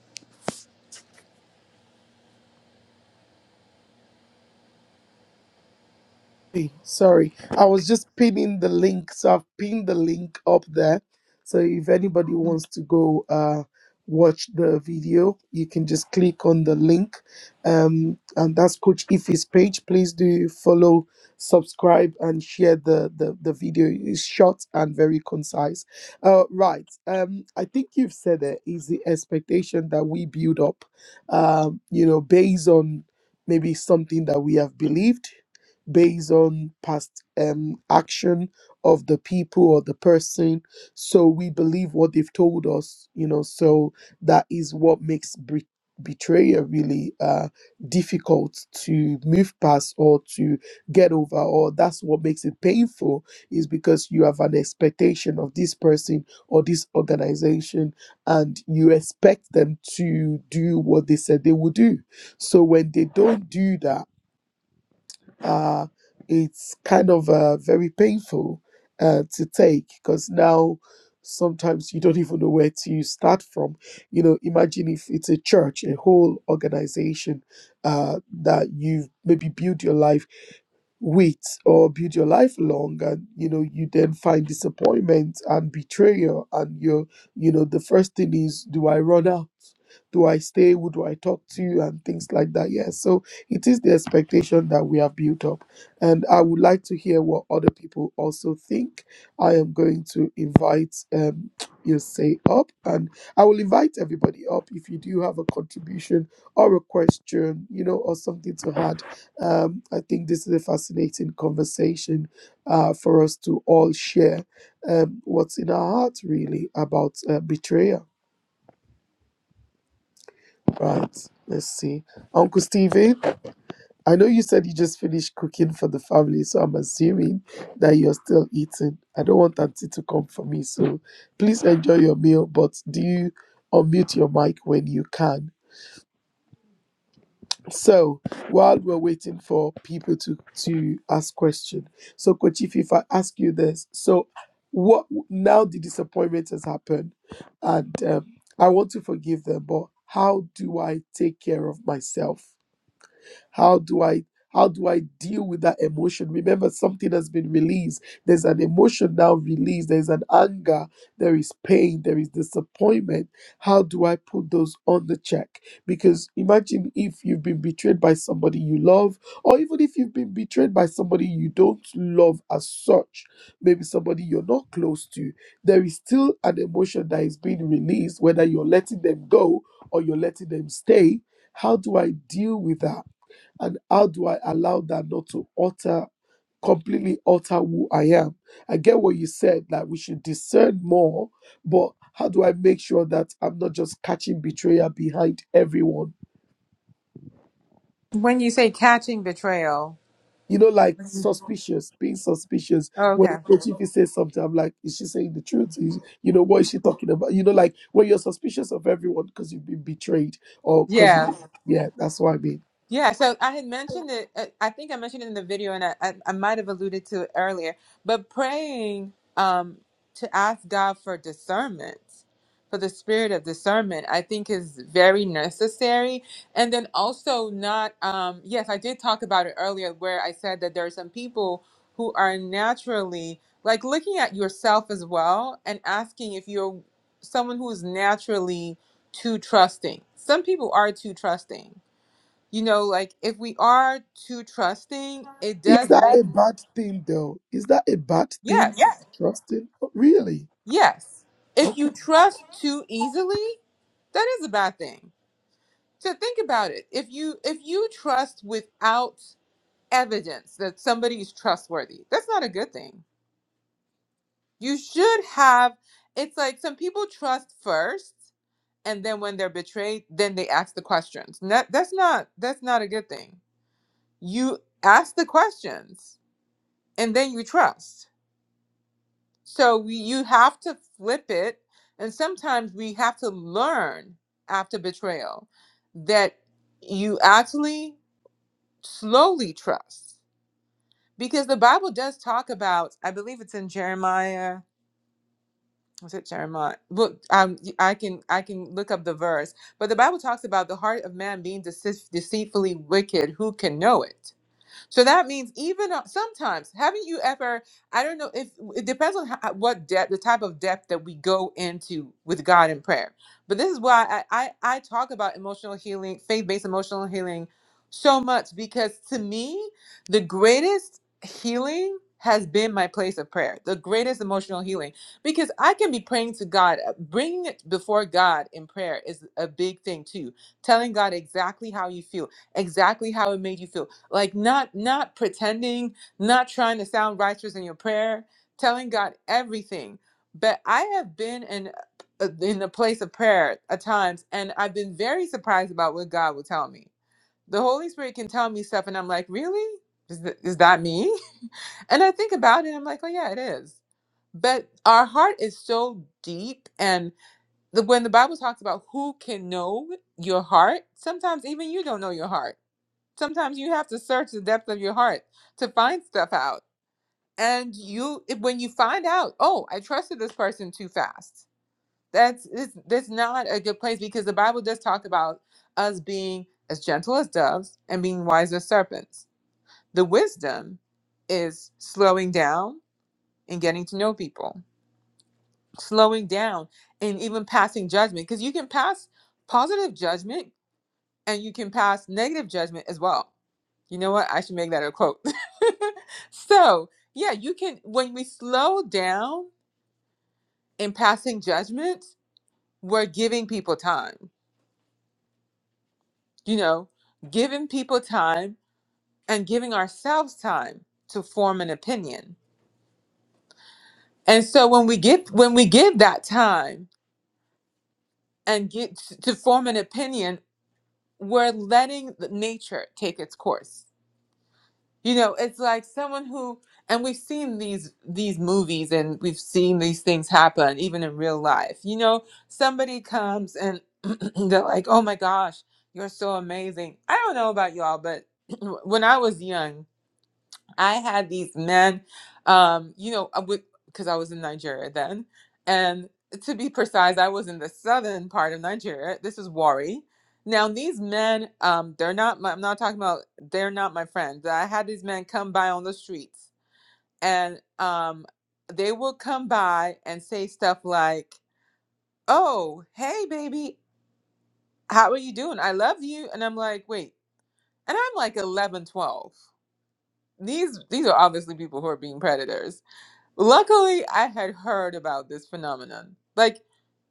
Speaker 1: Hey, Sorry, I was just pinning the link. So I've pinned the link up there. So if anybody wants to go uh, watch the video, you can just click on the link. Um, and that's Coach Ife's page. Please do follow, subscribe, and share the, the, the video. It's short and very concise. Uh, right. Um, I think you've said it is the expectation that we build up, um, you know, based on maybe something that we have believed, based on past um, action of the people or the person. So we believe what they've told us, you know, so that is what makes bre- betrayal really uh, difficult to move past or to get over, or that's what makes it painful is because you have an expectation of this person or this organization and you expect them to do what they said they will do. So when they don't do that, uh, it's kind of uh, very painful uh, to take because now sometimes you don't even know where to start from. You know, imagine if it's a church, a whole organization uh, that you've maybe built your life with or build your life along and you know you then find disappointment and betrayal and you're you know the first thing is do i run out do i stay who do i talk to and things like that yeah so it is the expectation that we have built up. And I would like to hear what other people also think. I am going to invite um, Yosei up, and I will invite everybody up if you do have a contribution or a question, you know, or something to add. Um, I think this is a fascinating conversation uh, for us to all share um, what's in our heart, really, about uh, betrayal. Right. Let's see. Uncle Steven. I know you said you just finished cooking for the family, so I'm assuming that you're still eating. I don't want Auntie to come for me, so please enjoy your meal, but do you unmute your mic when you can? So while we're waiting for people to to ask questions, so Coach Ify, if I ask you this, so what now the disappointment has happened, and um, I want to forgive them, but how do I take care of myself? How do I how do I deal with that emotion? Remember, something has been released. There's an emotion now released. There's an anger. There is pain. There is disappointment. How do I put those on the check? Because imagine if you've been betrayed by somebody you love, or even if you've been betrayed by somebody you don't love as such, maybe somebody you're not close to, there is still an emotion that is being released, whether you're letting them go or you're letting them stay. How do I deal with that? and how do I allow that not to alter completely alter who I am? I get what you said that we should discern more, but how do I make sure that I'm not just catching betrayal behind everyone?
Speaker 2: when you say catching betrayal
Speaker 1: You know, like
Speaker 2: oh,
Speaker 1: suspicious, being suspicious. When
Speaker 2: okay
Speaker 1: if says something, I'm like, is she saying the truth? Is, you know, what is she talking about? You know, like when you're suspicious of everyone because you've been betrayed or because
Speaker 2: yeah
Speaker 1: you, yeah, that's what I mean.
Speaker 2: Yeah, so I had mentioned it. uh, I think I mentioned it in the video, and I, I, I might have alluded to it earlier. But praying um, to ask God for discernment, for the spirit of discernment, I think is very necessary. And then also not. Um, yes, I did talk about it earlier, where I said that there are some people who are naturally like looking at yourself as well and asking if you're someone who is naturally too trusting. Some people are too trusting you know like if we are too trusting it
Speaker 1: Is
Speaker 2: does
Speaker 1: that
Speaker 2: make
Speaker 1: a bad thing though? Is that a bad thing? Yeah.
Speaker 2: yes
Speaker 1: Trusting? Really?
Speaker 2: yes if
Speaker 1: Okay.
Speaker 2: you trust too easily that is a bad thing so think about it if you if you trust without evidence that somebody is trustworthy that's not a good thing you should have it's like some people trust first and then when they're betrayed then they ask the questions That that's not that's not a good thing you ask the questions and then you trust So we, you have to flip it. And sometimes we have to learn after betrayal that you actually slowly trust. Because the Bible does talk about, I believe it's in Jeremiah. Was it Jeremiah? Look, um, I can I can look up the verse, but the Bible talks about the heart of man being deceit, deceitfully wicked. Who can know it? So that means even uh, sometimes, haven't you ever? I don't know if it depends on how, what depth, the type of depth that we go into with God in prayer. But this is why I I, I talk about emotional healing, faith based emotional healing, so much because to me the greatest healing has been my place of prayer, the greatest emotional healing. Because I can be praying to God, uh, bringing it before God in prayer is a big thing too. Telling God exactly how you feel, exactly how it made you feel like not not pretending not trying to sound righteous in your prayer telling god everything but i have been in uh, in the place of prayer at times and i've been very surprised about what god will tell me the holy spirit can tell me stuff and i'm like really is, th- is that me and i think about it i'm like oh yeah it is but our heart is so deep and the, when the bible talks about who can know your heart sometimes even you don't know your heart sometimes you have to search the depth of your heart to find stuff out and you it- when you find out oh i trusted this person too fast that's it's, that's not a good place because the bible does talk about us being as gentle as doves and being wise as serpents the wisdom is slowing down and getting to know people slowing down and even passing judgment because you can pass positive judgment and you can pass negative judgment as well. You know what? I should make that a quote. so, yeah, you can, when we slow down in passing judgment, we're giving people time, you know, giving people time and giving ourselves time to form an opinion. And so when we give when we give that time and get to form an opinion, we're letting the nature take its course you know it's like someone who and we've seen these these movies and we've seen these things happen even in real life you know somebody comes and they're like oh my gosh you're so amazing i don't know about y'all but when i was young I had these men, um, you know, because I was in Nigeria then. And to be precise, I was in the southern part of Nigeria. This is Warri. Now, these men, um, they're not, my, I'm not talking about, they're not my friends. I had these men come by on the streets and um, they would come by and say stuff like, oh, hey, baby, how are you doing? I love you. And I'm like, wait. And I'm like 11, 12. These, these are obviously people who are being predators Luckily, I had heard about this phenomenon. Like,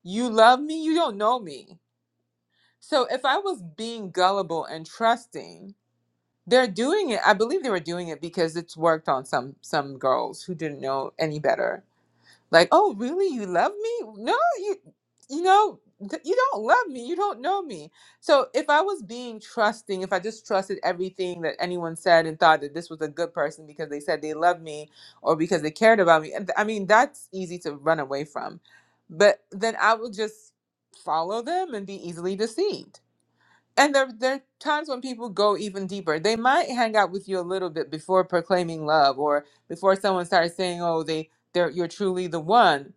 Speaker 2: you love me, you don't know me. So, if I was being gullible and trusting, they're doing it. I believe they were doing it because it's worked on some some girls who didn't know any better like oh really you love me no you you know th- you don't love me you don't know me so if i was being trusting if i just trusted everything that anyone said and thought that this was a good person because they said they loved me or because they cared about me and th- i mean that's easy to run away from but then i would just follow them and be easily deceived and there, there are times when people go even deeper. They might hang out with you a little bit before proclaiming love or before someone starts saying, oh, they, they're, you're truly the one.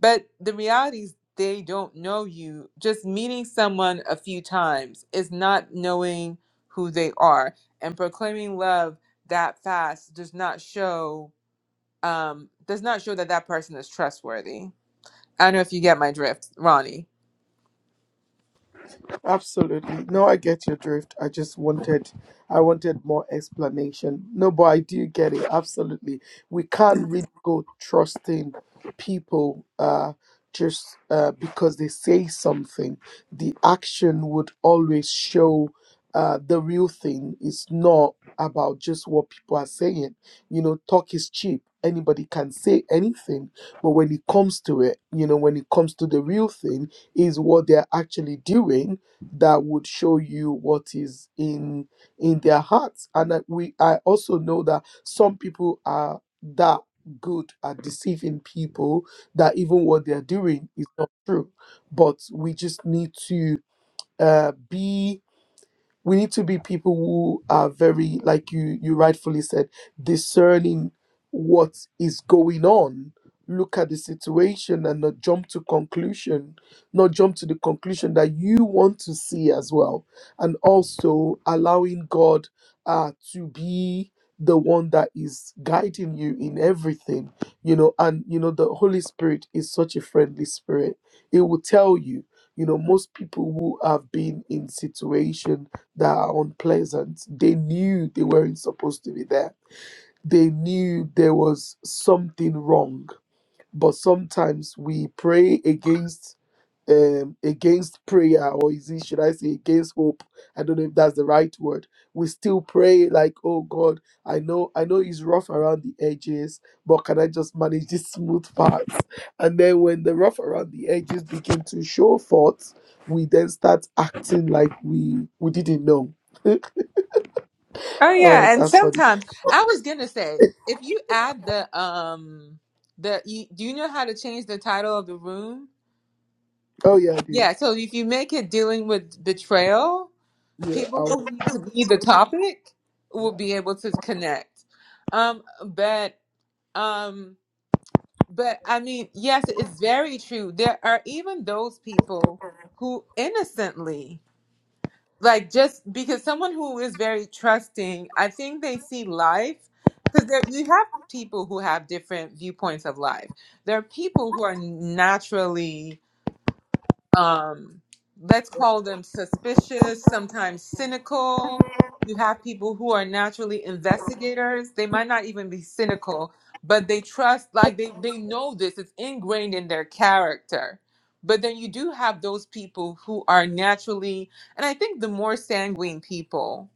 Speaker 2: But the reality is they don't know you. Just meeting someone a few times is not knowing who they are. And proclaiming love that fast does not show um, does not show that that person is trustworthy. I don't know if you get my drift, Ronnie.
Speaker 1: Absolutely. No, I get your drift. I just wanted I wanted more explanation. No, but I do get it. Absolutely. We can't really go trusting people uh just uh because they say something. The action would always show uh the real thing. It's not about just what people are saying. You know, talk is cheap. Anybody can say anything, but when it comes to it, you know, when it comes to the real thing, is what they're actually doing that would show you what is in in their hearts and I, we i also know that some people are that good at deceiving people that even what they're doing is not true but we just need to uh, be we need to be people who are very like you you rightfully said discerning what is going on look at the situation and not jump to conclusion not jump to the conclusion that you want to see as well and also allowing god uh, to be the one that is guiding you in everything you know and you know the holy spirit is such a friendly spirit it will tell you you know most people who have been in situations that are unpleasant. They knew they weren't supposed to be there. They knew there was something wrong. But sometimes we pray against um against prayer or is it should I say against hope? I don't know if that's the right word. We still pray like, oh God, I know I know it's rough around the edges, but can I just manage this smooth part? And then when the rough around the edges begin to show forth, we then start acting like we we didn't know.
Speaker 2: Oh
Speaker 1: Oh,
Speaker 2: yeah, and
Speaker 1: that's funny.
Speaker 2: sometimes I was gonna say if you add the um the you, do you know how to change the title of the room?
Speaker 1: Oh yeah, I do.
Speaker 2: Yeah, so if you make it dealing with betrayal,
Speaker 1: Yeah, I
Speaker 2: people
Speaker 1: was,
Speaker 2: who need to be the topic
Speaker 1: yeah.
Speaker 2: will be able to connect. Um, but um, but I mean, yes, it's very true. There are even those people who innocently like just because someone who is very trusting, I think they see life because there you have people who have different viewpoints of life. There are people who are naturally um, let's call them suspicious, sometimes cynical. You have people who are naturally investigators. They might not even be cynical, but they trust, like they, they know this, it's ingrained in their character. But then you do have those people who are naturally, and I think the more sanguine people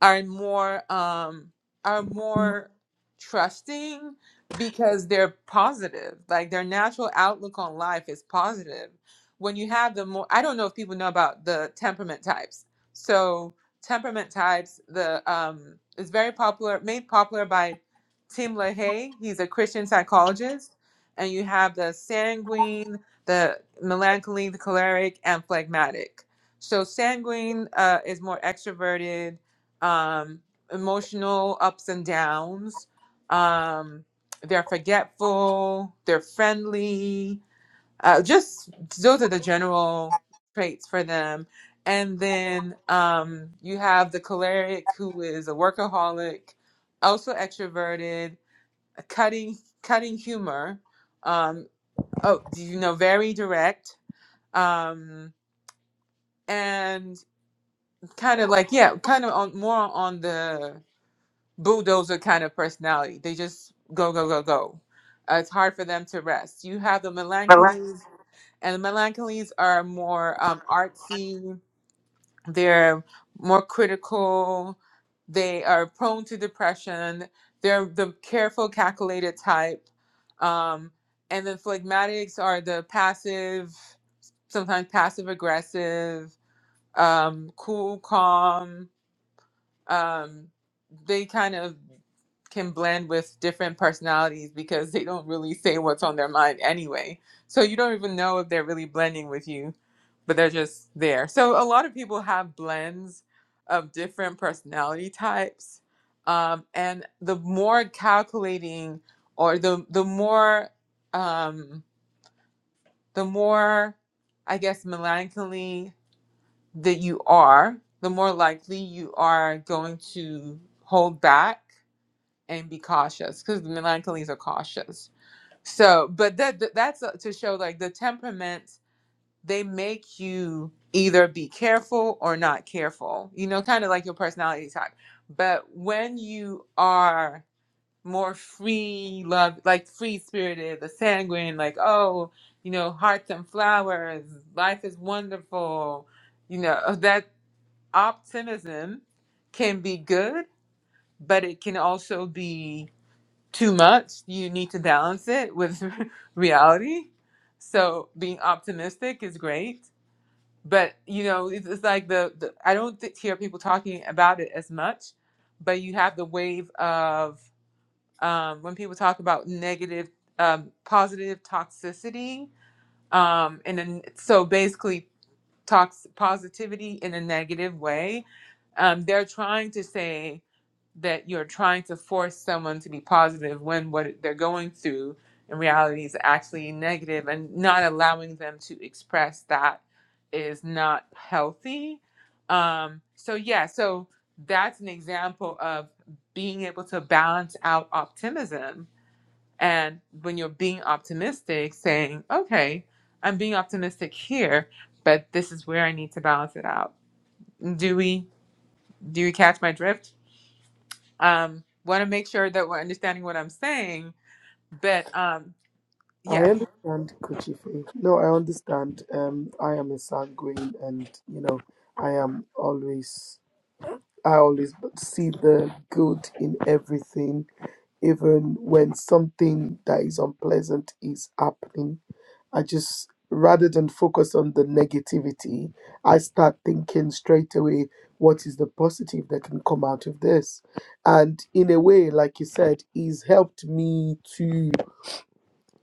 Speaker 2: are more um are more trusting because they're positive like their natural outlook on life is positive when you have the more i don't know if people know about the temperament types so temperament types the um is very popular made popular by tim lahaye he's a christian psychologist and you have the sanguine the melancholy the choleric and phlegmatic so sanguine uh, is more extroverted um, emotional ups and downs. Um, they're forgetful. They're friendly. Uh, just those are the general traits for them. And then um, you have the choleric, who is a workaholic, also extroverted, a cutting cutting humor. Um, oh, you know, very direct. Um, and kind of like yeah, kind of on more on the bulldozer kind of personality. They just go, go, go, go. Uh, it's hard for them to rest. You have the melancholies, and the melancholies are more um, artsy. They're more critical. They are prone to depression. They're the careful, calculated type. Um, and then phlegmatics are the passive, sometimes passive aggressive, um, cool, calm um, they kind of can blend with different personalities because they don't really say what's on their mind anyway. So you don't even know if they're really blending with you, but they're just there. So a lot of people have blends of different personality types. Um, and the more calculating or the the more um, the more I guess melancholy that you are, the more likely you are going to hold back and be cautious because the melancholies are cautious. So, but that that- that's uh, to show like the temperaments they make you either be careful or not careful. You know, kind of like your personality type. But when you are more free love, like free spirited, the sanguine, like oh, you know, hearts and flowers, life is wonderful, you know that optimism can be good, but it can also be too much. You need to balance it with reality. So being optimistic is great, but you know it's, it's like the, the I don't th- hear people talking about it as much, but you have the wave of um, when people talk about negative, um, positive toxicity, um, and then so basically tox positivity in a negative way. Um, they're trying to say that you're trying to force someone to be positive when what they're going through in reality is actually negative, and not allowing them to express that is not healthy. Um, so yeah, so that's an example of being able to balance out optimism and when you're being optimistic, saying, okay, I'm being optimistic here, but this is where I need to balance it out. Do we do you catch my drift? Um, want to make sure that we're understanding what I'm saying, but um,
Speaker 1: I
Speaker 2: yeah,
Speaker 1: understand Kuchife. No, I understand. Um, I am a sanguine, and you know, I am always. I always b- see the good in everything, even when something that is unpleasant is happening. I just, rather than focus on the negativity, I start thinking straight away, what is the positive that can come out of this? And in a way, like you said, it's helped me to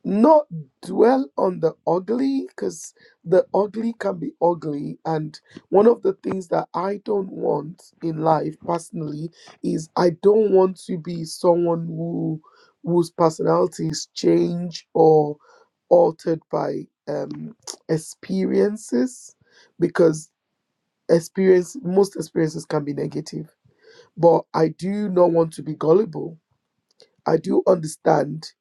Speaker 1: not dwell on the ugly because the ugly can be ugly and one of the things that i don't want in life personally is i don't want to be someone who whose personality is changed or altered by um experiences because experience most experiences can be negative but i do not want to be gullible I do understand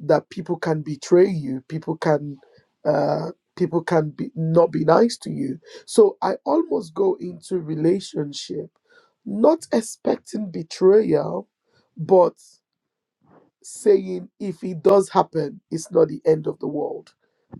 Speaker 1: that people can betray you, people can uh, people can be not be nice to you. So I almost go into relationship not expecting betrayal, but saying if it does happen, it's not the end of the world.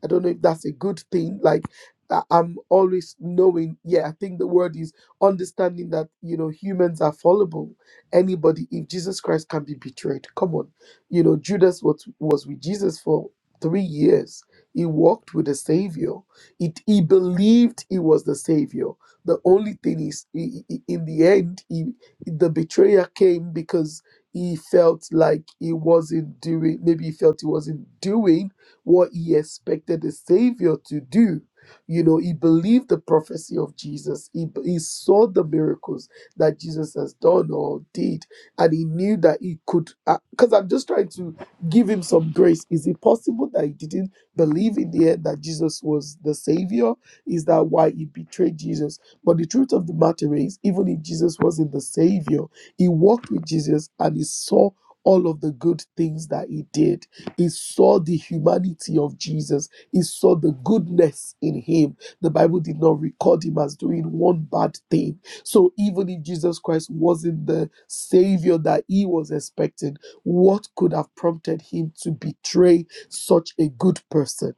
Speaker 1: I don't know if that's a good thing. Like I- I'm always knowing, yeah, I think the word is understanding that you know humans are fallible. Anybody, if Jesus Christ can be betrayed, come on. You know, Judas was was with Jesus for three years. He walked with the Savior. It he believed he was the Savior. The only thing is, i- i- i- in the end, he, the betrayer came because he felt like he wasn't doing maybe he felt he wasn't doing what he expected the savior to do you know he believed the prophecy of jesus he, he saw the miracles that jesus has done or did and he knew that he could because i'm just trying to give him some grace is it possible that he didn't believe in the end that jesus was the savior is that why he betrayed jesus but the truth of the matter is even if jesus wasn't the savior he walked with Jesus and he saw all of the good things that he did. He saw the humanity of Jesus. He saw the goodness in him. The Bible did not record him as doing one bad thing. So even if Jesus Christ wasn't the savior that he was expecting, what could have prompted him to betray such a good person?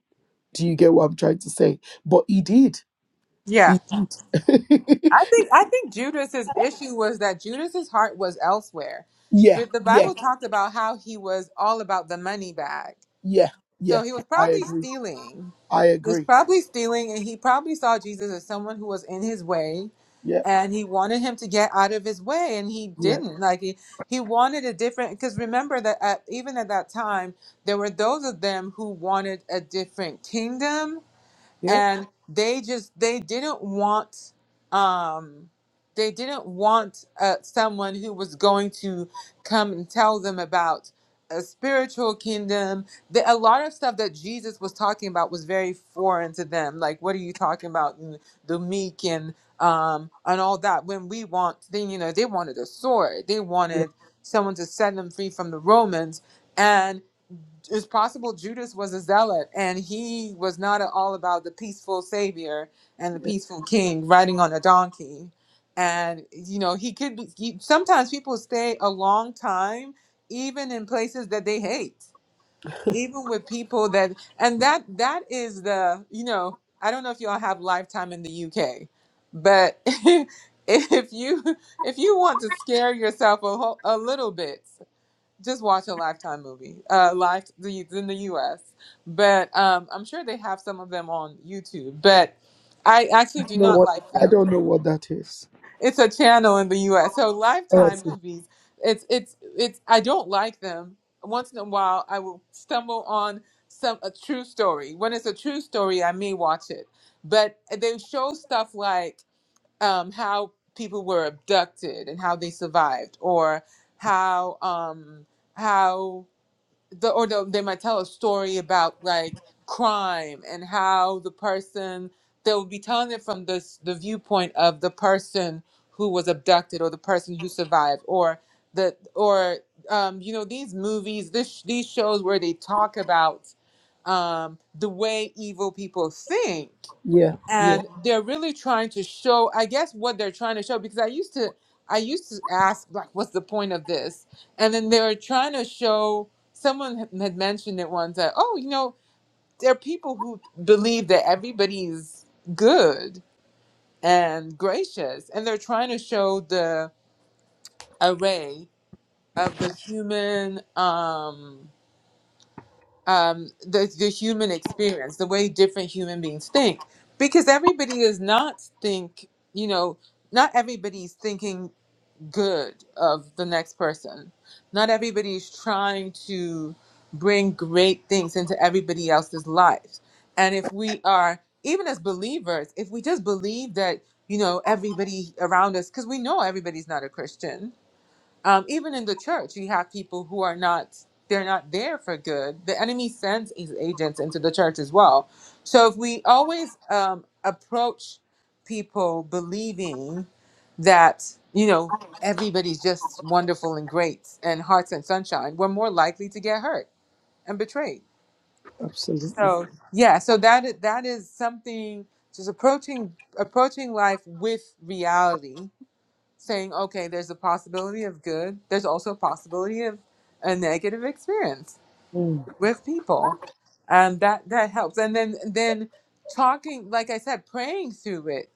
Speaker 1: Do you get what I'm trying to say? But he did.
Speaker 2: yeah.
Speaker 1: He-
Speaker 2: I think I think Judas's issue was that Judas's heart was elsewhere.
Speaker 1: yeah,
Speaker 2: But the
Speaker 1: yeah,
Speaker 2: Bible talked about how he was all about the money bag.
Speaker 1: yeah, yeah.
Speaker 2: So he was
Speaker 1: I
Speaker 2: probably
Speaker 1: agree.
Speaker 2: stealing.
Speaker 1: I
Speaker 2: He was
Speaker 1: agree.
Speaker 2: probably stealing and he probably saw Jesus as someone who was in his way
Speaker 1: Yeah.
Speaker 2: and he wanted him to get out of his way and he
Speaker 1: Yeah.
Speaker 2: didn't like he, he wanted a different because remember that at, even at that time there were those of them who wanted a different kingdom
Speaker 1: Yep.
Speaker 2: and they just they didn't want um they didn't want uh, someone who was going to come and tell them about a spiritual kingdom the, a lot of stuff that jesus was talking about was very foreign to them like what are you talking about and the meek and um and all that when we want then you know they wanted a sword they wanted someone to set them free from the romans it's possible Judas was a zealot and he was not at all about the peaceful savior and the
Speaker 1: Yeah.
Speaker 2: peaceful king riding on a donkey. And you know, he could be he, sometimes people stay a long time even in places that they hate, even with people that and that that is the, you know, I don't know if y'all have lifetime in the UK, but if you if you want to scare yourself a, whole, a little bit just watch a Lifetime movie. Uh, live the it's in the U.S., but um, I'm sure they have some of them on YouTube. But I actually
Speaker 1: I don't
Speaker 2: do
Speaker 1: know
Speaker 2: not
Speaker 1: what
Speaker 2: like
Speaker 1: I
Speaker 2: them.
Speaker 1: don't know what that is.
Speaker 2: It's a channel in the U.S. So Lifetime
Speaker 1: Yes.
Speaker 2: movies, it's it's it's. I don't like them. Once in a while, I will stumble on some a true story. When it's a true story, I may watch it. But they show stuff like um, how people were abducted and how they survived, or how um, how the or they they might tell a story about like crime and how the person they'll be telling it from this the viewpoint of the person who was abducted or the person who survived or the or um, you know these movies this these shows where they talk about um, the way evil people think
Speaker 1: Yeah. Yeah.
Speaker 2: and they're really trying to show i guess what they're trying to show because i used to i used to ask like what's the point of this and then they are trying to show someone had had mentioned it once that oh you know there are people who believe that everybody's good and gracious and they're trying to show the array of the human um um, the, the human experience, the way different human beings think, because everybody does not think, you know, not everybody's thinking good of the next person. Not everybody's trying to bring great things into everybody else's life. And if we are, even as believers, if we just believe that, you know, everybody around us, because we know everybody's not a Christian, um, even in the church, you have people who are not they're not there for good. The enemy sends his agents into the church as well. So if we always um, approach people believing that you know everybody's just wonderful and great and hearts and sunshine, we're more likely to get hurt and betrayed.
Speaker 1: Absolutely.
Speaker 2: So yeah, so that is, that is something just approaching approaching life with reality saying, okay, there's a possibility of good, there's also a possibility of a negative experience
Speaker 1: Mm.
Speaker 2: with people. And that that helps. And then then talking, like I said, praying through it,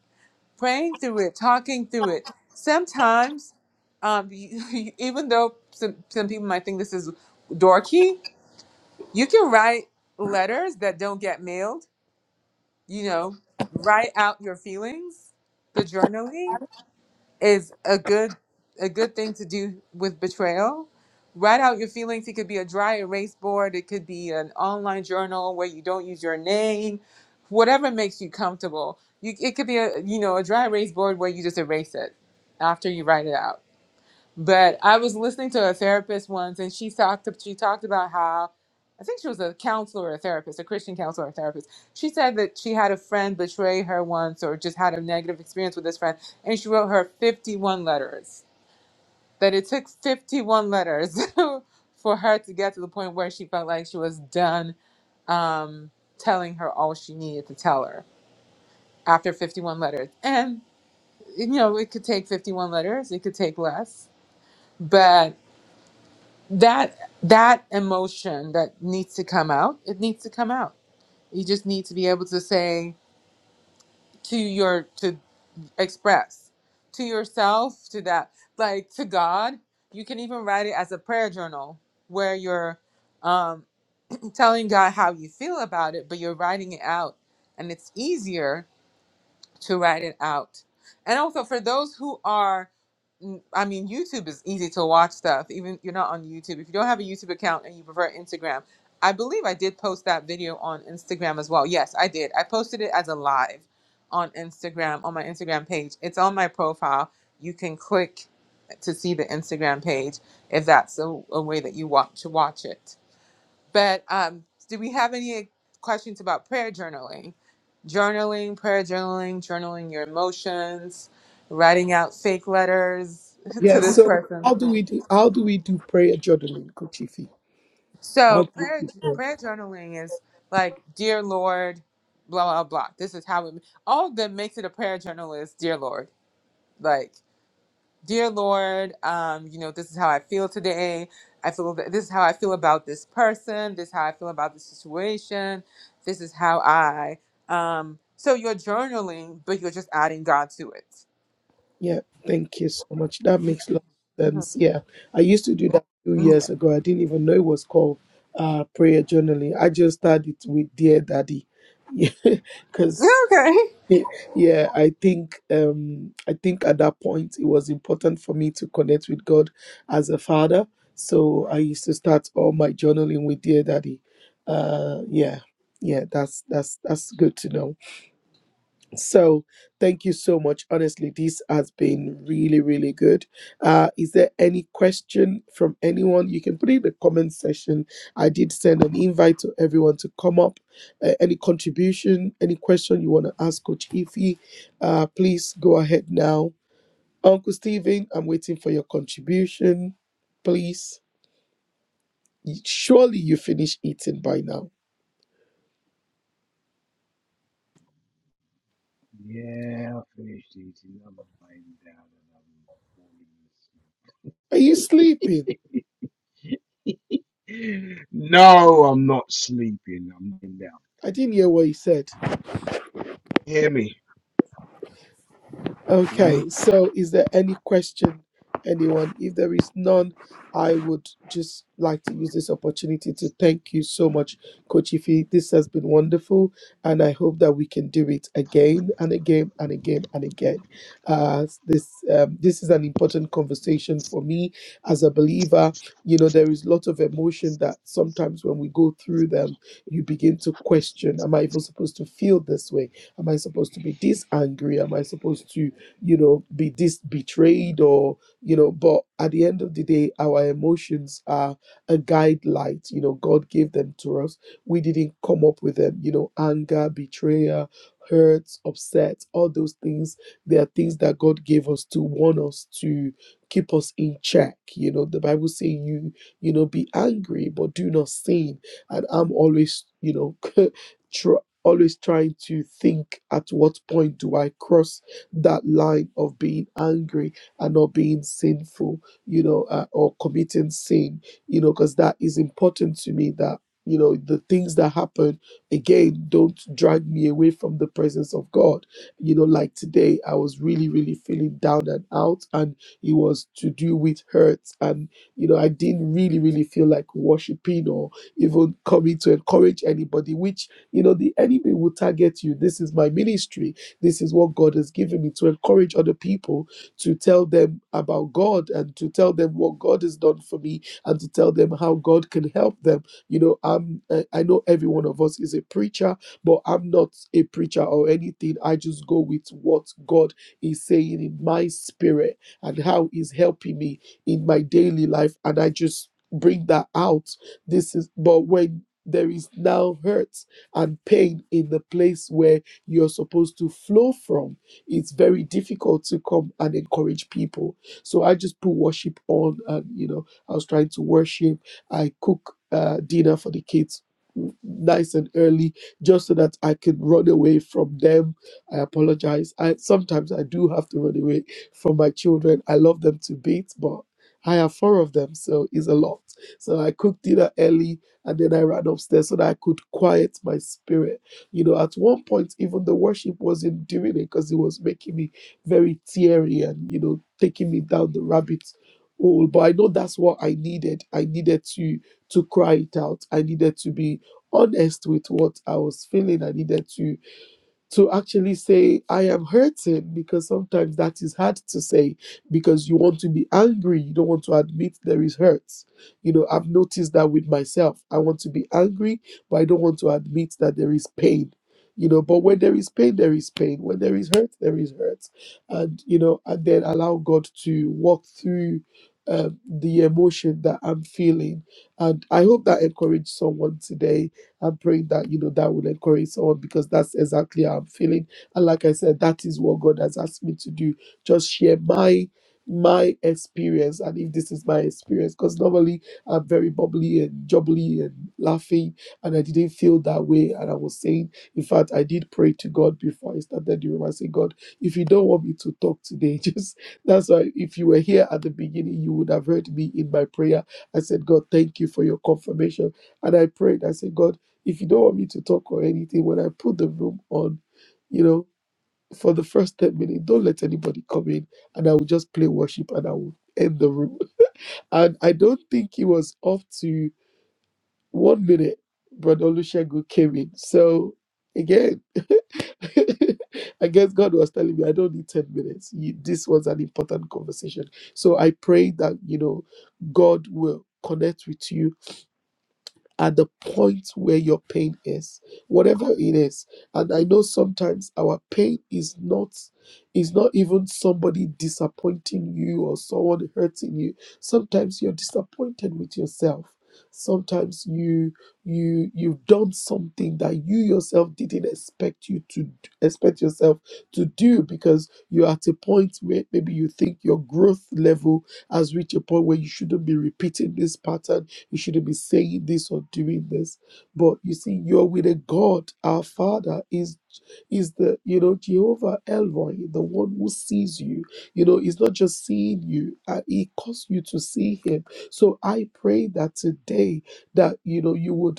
Speaker 2: praying through it, talking through it. Sometimes, um, you, even though some, some people might think this is dorky, you can write letters that don't get mailed, you know, write out your feelings, the journaling is a good a good thing to do with betrayal. Write out your feelings. It could be a dry erase board. It could be an online journal where you don't use your name. Whatever makes you comfortable. You, it could be a you know a dry erase board where you just erase it after you write it out. But I was listening to a therapist once, and she talked. She talked about how I think she was a counselor or a therapist, a Christian counselor or therapist. She said that she had a friend betray her once, or just had a negative experience with this friend, and she wrote her fifty-one letters. That it took fifty-one letters for her to get to the point where she felt like she was done um, telling her all she needed to tell her after fifty-one letters. And you know, it could take fifty-one letters. It could take less, but that that emotion that needs to come out it needs to come out you just need to be able to say to your to express to yourself to that like to god you can even write it as a prayer journal where you're um, telling god how you feel about it but you're writing it out and it's easier to write it out and also for those who are mm, I mean, YouTube is easy to watch stuff. Even you're not on YouTube. If you don't have a YouTube account and you prefer Instagram, I believe I did post that video on Instagram as well. Yes, I did. I posted it as a live on Instagram on my Instagram page. It's on my profile. You can click to see the Instagram page if that's a, a way that you want to watch it. But um, do we have any questions about prayer journaling? Journaling, prayer journaling, journaling your emotions, writing out fake letters to
Speaker 1: Yeah.
Speaker 2: this
Speaker 1: So
Speaker 2: person.
Speaker 1: how do we do how do we do prayer journaling, Kochifi? How
Speaker 2: So
Speaker 1: do we
Speaker 2: prayer
Speaker 1: do prayer?
Speaker 2: prayer journaling is like, dear Lord, blah blah blah. This is how it, all of them makes it a prayer journal is dear Lord, like. dear Lord, um, you know, this is how I feel today. I feel that this is how I feel about this person. This is how I feel about the situation. This is how I. Um, so you're journaling, but you're just adding God to it.
Speaker 1: Yeah, thank you so much. That makes a lot of sense. Yeah, I used to do that two years
Speaker 2: Yeah.
Speaker 1: ago. I didn't even know it was called uh, prayer journaling. I just started with Dear Daddy, because
Speaker 2: Okay.
Speaker 1: yeah, I think um, I think at that point it was important for me to connect with God as a father. So I used to start all my journaling with Dear Daddy. Uh, yeah, yeah, that's that's that's good to know. So thank you so much. Honestly, this has been really, really good. Uh, is there any question from anyone? You can put it in the comment section. I did send an invite to everyone to come up. Uh, any contribution, any question you want to ask Coach Ify, uh, please go ahead now. Uncle Stephen, I'm waiting for your contribution. Please, surely you finished eating by now.
Speaker 3: Yeah, I finished eating. I'm lying down and I'm falling
Speaker 1: Are you sleeping?
Speaker 3: asleep. No, I'm not sleeping. I'm laying down.
Speaker 1: I didn't hear what you said.
Speaker 3: Hear me? Can
Speaker 1: Okay, so is there any question, anyone? If there is none, I would just like to use this opportunity to thank you so much, Coach Ify. This has been wonderful, and I hope that we can do it again and again and again and again. Uh, this um, this is an important conversation for me as a believer. You know, there is a lot of emotion that sometimes when we go through them, you begin to question: Am I even supposed to feel this way? Am I supposed to be this angry? Am I supposed to you know, be dis betrayed or, you know, but at the end of the day, our emotions are a guide light. You know, God gave them to us. We didn't come up with them. You know, anger, betrayal, hurt, upset, all those things. They are things that God gave us to warn us to keep us in check. You know, the Bible say you, you know, be angry, but do not sin. And I'm always, you know, tr- always trying to think at what point do I cross that line of being angry and not being sinful, you know, uh, or committing sin, you know, because that is important to me that, you know, the things that happen again don't drag me away from the presence of God. You know, like today, I was really, really feeling down and out, and it was to do with hurt. And, you know, I didn't really, really feel like worshiping or even coming to encourage anybody, which, you know, the enemy will target you. This is my ministry this is what God has given me to encourage other people to tell them about God and to tell them what God has done for me and to tell them how God can help them. You know, I'm I I know every one of us is a preacher, but I'm not a preacher or anything. I just go with what God is saying in my spirit and how He's helping me in my daily life, and I just bring that out. This is but when there is now hurt and pain in the place where you're supposed to flow from, it's very difficult to come and encourage people. So I just put worship on, and you know, I was trying to worship. I cook uh, dinner for the kids nice and early just so that I can run away from them. I apologize. I sometimes I do have to run away from my children. I love them to bits, but I have four of them, so it's a lot. So I cooked dinner early and then I ran upstairs so that I could quiet my spirit you know, at one point, even the worship wasn't doing it because it was making me very teary and, you know, taking me down the rabbit hole. But I know that's what I needed. I needed to to cry it out. I needed to be honest with what I was feeling. I needed to to actually say i am hurting because sometimes that is hard to say because you want to be angry you don't want to admit there is hurt you know i've noticed that with myself i want to be angry but i don't want to admit that there is pain you know but when there is pain there is pain when there is hurt there is hurt and you know and then allow god to walk through um, the emotion that i'm feeling and i hope that encouraged someone today I'm praying that you know that will encourage someone because that's exactly how I'm feeling. And like I said, that is what God has asked me to do. Just share my my experience and if this is my experience because normally i'm very bubbly and jubbly and laughing and i didn't feel that way and i was saying in fact i did pray to god before i started the room i said god if you don't want me to talk today just that's why if you were here at the beginning you would have heard me in my prayer i said god thank you for your confirmation and i prayed i said god if you don't want me to talk or anything, when I put the room on, you know, for the first 10 minutes, don't let anybody come in and I will just play worship and I will end the room. And I don't think it was up to one minute, Brother Olushegu came in. So again, I guess God was telling me I don't need 10 minutes. You- This was an important conversation. So I pray that, you know, God will connect with you at the point where your pain is whatever it is and i know sometimes our pain is not is not even somebody disappointing you or someone hurting you sometimes you're disappointed with yourself sometimes you you you've done something that you yourself didn't expect you to d- expect yourself to do because you're at a point where maybe you think your growth level has reached a point where you shouldn't be repeating this pattern you shouldn't be saying this or doing this. But you see, you're with a God. Our Father is is the you know Jehovah Elroy, the one who sees you. You know, He's not just seeing you; uh, He caused you to see Him. So I pray that today that you know you would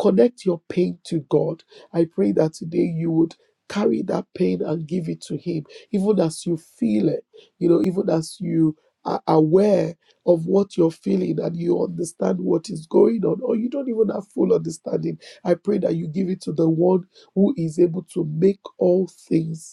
Speaker 1: Connect your pain to God. I pray that today you would carry that pain and give it to Him, even as you feel it, you know, even as you are aware of what you're feeling and you understand what is going on, or you don't even have full understanding. I pray that you give it to the one who is able to make all things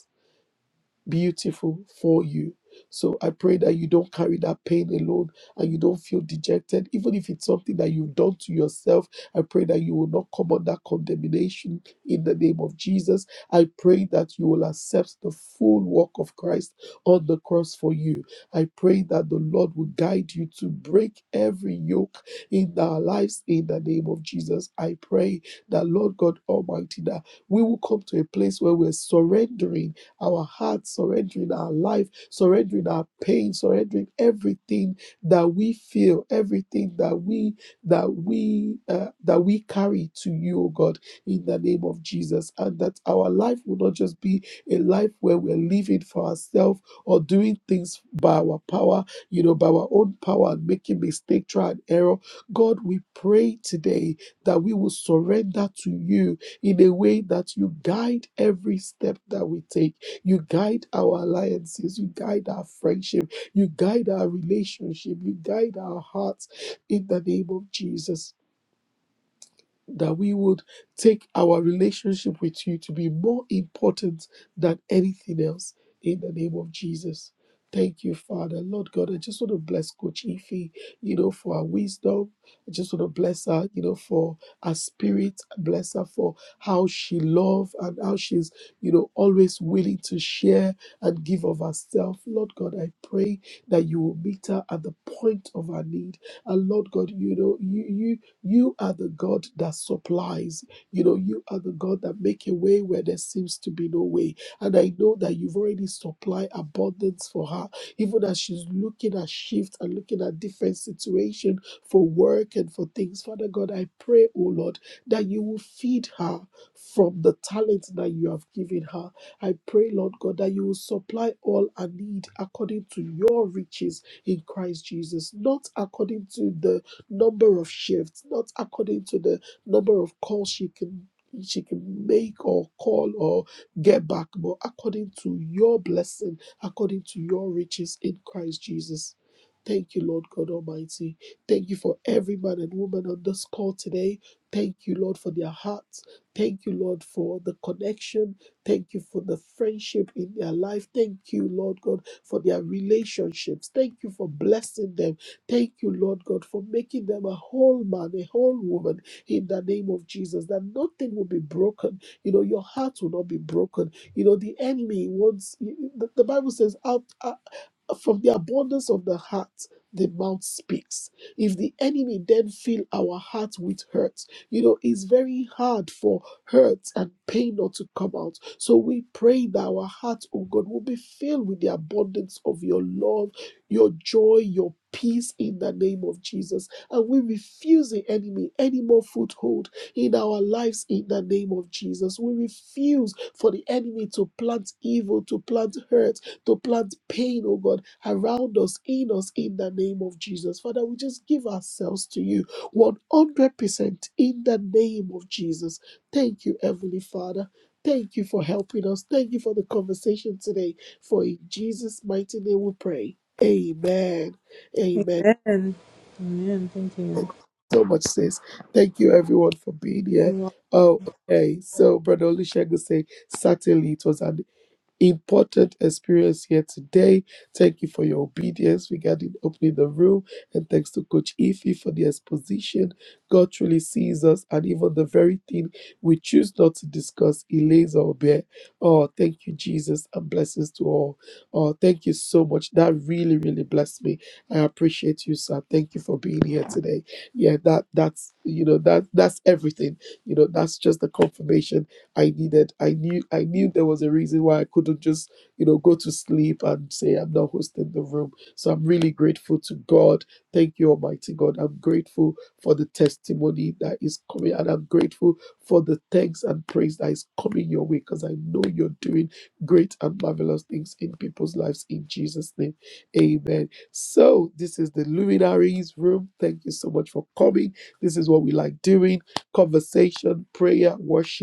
Speaker 1: beautiful for you. So I pray that you don't carry that pain alone and you don't feel dejected. Even if it's something that you've done to yourself, I pray that you will not come under condemnation in the name of Jesus. I pray that you will accept the full work of Christ on the cross for you. I pray that the Lord will guide you to break every yoke in our lives in the name of Jesus. I pray that, Lord God Almighty, that we will come to a place where we're surrendering our hearts, surrendering our life, surrendering our pain, surrendering everything that we feel, everything that we that we uh, that we carry to you, oh God, in the name of Jesus, and that our life will not just be a life where we're living for ourselves or doing things by our power, you know, by our own power and making mistake, try and error. God, we pray today that we will surrender to you in a way that you guide every step that we take you guide our alliances. You guide our friendship. You guide our relationship. You guide our hearts in the name of Jesus that we would take our relationship with you to be more important than anything else in the name of Jesus. Thank you, Father. Lord God, I just want to bless Coach Ife, you know, for her wisdom. I just want to bless her, you know, for her spirit. Bless her for how she loves and how she's, you know, always willing to share and give of herself. Lord God, I pray that you will meet her at the point of her need. And Lord God, you know, you you you are the God that supplies. You know, you are the God that make a way where there seems to be no way. And I know that you've already supplied abundance for her, even as she's looking at shift and looking at different situation for work and for things. Father God, I pray, oh Lord, that you will feed her from the talent that you have given her. I pray, Lord God, that you will supply all her need according to your riches in Christ Jesus, not according to the number of shifts, not according to the number of calls she can she can make or call or get back, but according to your blessing, according to your riches in Christ Jesus. Thank you, Lord God Almighty. Thank you for every man and woman on this call today. Thank you, Lord, for their hearts. Thank you, Lord, for the connection. Thank you for the friendship in their life. Thank you, Lord God, for their relationships. Thank you for blessing them. Thank you, Lord God, for making them a whole man, a whole woman in the name of Jesus, that nothing will be broken. You know, your heart will not be broken. You know, the enemy wants, the the Bible says, out, uh, from the abundance of the heart the mouth speaks if the enemy then fill our heart with hurt you know it's very hard for hurt and pain not to come out so we pray that our heart oh god will be filled with the abundance of your love your joy your peace in the name of jesus and we refuse the enemy any more foothold in our lives in the name of jesus we refuse for the enemy to plant evil to plant hurt to plant pain, oh God, around us, in us, in the name of Jesus. Father, we just give ourselves to you 100% in the name of Jesus. Thank you, Heavenly Father. Thank you for helping us. Thank you for the conversation today. For in Jesus' mighty name we pray. Amen. Amen.
Speaker 2: Amen. Amen. Thank you.
Speaker 1: Thank you So much, sis. Thank you, everyone, for being
Speaker 2: You're
Speaker 1: here.
Speaker 2: welcome.
Speaker 1: Oh, okay. So, Brother Olusegun say, certainly it was an important experience here today. Thank you for your obedience regarding opening the room. And thanks to Coach Ify for the exposition. God truly sees us, and even the very thing we choose not to discuss, He lays our bare. Oh, thank you, Jesus, and blessings to all. Oh, thank you so much. That really, really blessed me. I appreciate you, sir. Thank you for being here today. Yeah, that that's you know that that's everything. You know, that's just the confirmation I needed. I knew. I knew there was a reason why I couldn't just, you know, go to sleep and say I'm not hosting the room. So I'm really grateful to God. Thank you, Almighty God. I'm grateful for the testimony that is coming, and I'm grateful for the thanks and praise that is coming your way because I know you're doing great and marvelous things in people's lives in Jesus' name. Amen. So this is the luminaries room. Thank you so much for coming. This is what we like doing: conversation, prayer, worship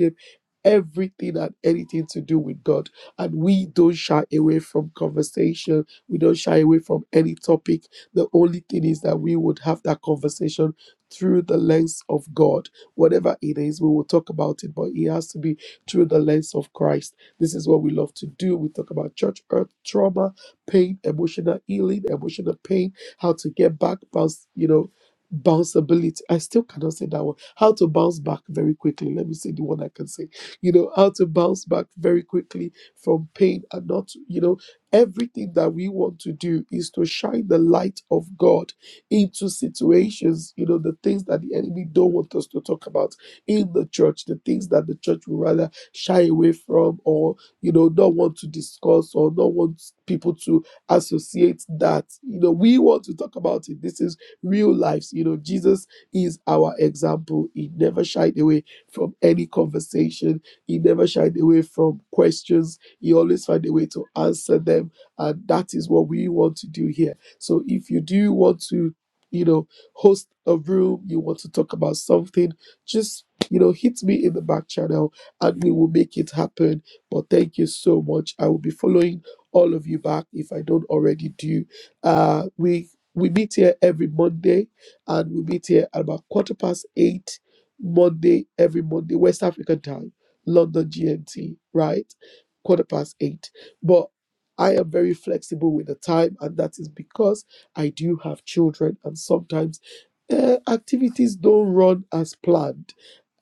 Speaker 1: everything and anything to do with God. And we don't shy away from conversation. We don't shy away from any topic. The only thing is that we would have that conversation through the lens of God. Whatever it is, we will talk about it, but it has to be through the lens of Christ. This is what we love to do. We talk about church earth trauma, pain, emotional healing, emotional pain, how to get back, bounce, you know. Bounceability. I still cannot say that one. How to bounce back very quickly. Let me say the one I can say you know, how to bounce back very quickly from pain and not, you know, everything that we want to do is to shine the light of God into situations, you know, the things that the enemy don't want us to talk about in the church, the things that the church would rather shy away from or, you know, not want to discuss or not want people to associate that, you know, we want to talk about it. This is real lives, you know, Jesus is our example. He never shied away from any conversation he never shied away from questions. He always found a way to answer them. And that is what we want to do here. So if you do want to, you know, host a room, you want to talk about something, just, you know, hit me in the back channel and we will make it happen. But thank you so much. I will be following all of you back if I don't already do. Uh, we we meet here every Monday and we meet here at about quarter past eight Monday, every Monday, West African time London GMT, right? Quarter past eight. But I am very flexible with the time, and that is because I do have children, and sometimes uh, activities don't run as planned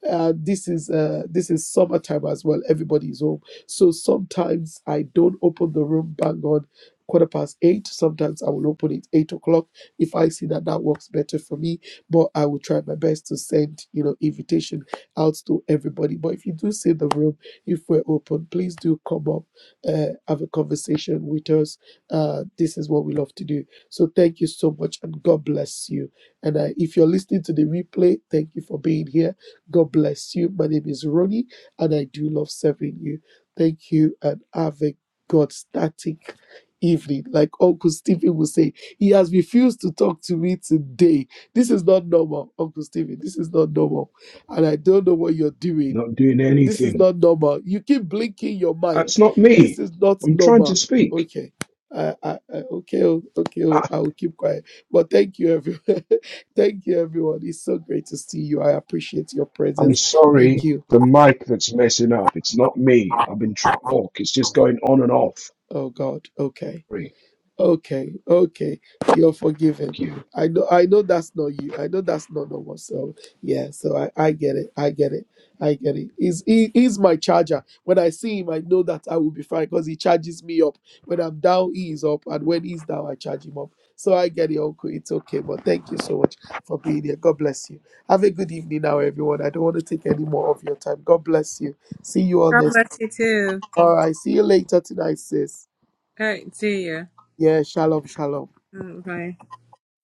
Speaker 1: uh, this is uh, this is summertime as well. Everybody's home, so sometimes I don't open the room bang on quarter past eight. Sometimes I will open it eight o'clock if I see that that works better for me. But I will try my best to send you know invitation out to everybody. But if you do see the room, if we're open, please do come up, uh, have a conversation with us. Uh, this is what we love to do. So thank you so much, and God bless you. And uh, if you're listening to the replay, thank you for being here God bless you. My name is Ronnie, and I do love serving you. Thank you, and have a God static evening. Like Uncle Stephen will say, he has refused to talk to me today. This is not normal, Uncle Stephen. This is not normal. And I don't know what you're doing
Speaker 3: Not doing
Speaker 1: this is
Speaker 3: anything.
Speaker 1: not normal. You keep blinking your mic.
Speaker 3: That's not
Speaker 1: This
Speaker 3: me.
Speaker 1: is not
Speaker 3: I'm trying to
Speaker 1: normal.
Speaker 3: speak.
Speaker 1: Okay. I, I, I, okay, oh, okay, oh,
Speaker 3: I,
Speaker 1: I will keep quiet. But thank you, everyone. thank you, everyone. It's so great to see you. I appreciate your
Speaker 3: I'm
Speaker 1: presence. Thank
Speaker 3: sorry.
Speaker 1: you.
Speaker 3: The mic that's messing up. It's not me. I've been trying to talk. It's just going on and off.
Speaker 1: Oh, God. Okay.
Speaker 3: Sorry.
Speaker 1: Okay, okay, you're forgiven.
Speaker 3: Thank you.
Speaker 1: I know, I know that's not you. I know that's not normal. So yeah, so I, I get it. I get it. I get it. He's he, he's my charger. When I see him, I know that I will be fine because he charges me up. When I'm down, he is up, and when he's down, I charge him up. So I get it, Uncle. It's okay. But thank you so much for being here. God bless you. Have a good evening now, everyone. I don't want to take any more of your time. God bless you. See you all
Speaker 2: God
Speaker 1: next.
Speaker 2: bless you too.
Speaker 1: All right. See you later tonight, sis.
Speaker 2: All right. See you.
Speaker 1: Yeah. Shalom. Shalom.
Speaker 2: Bye.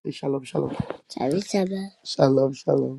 Speaker 1: Shalom, shalom. Shabbat shalom. Shalom, shalom.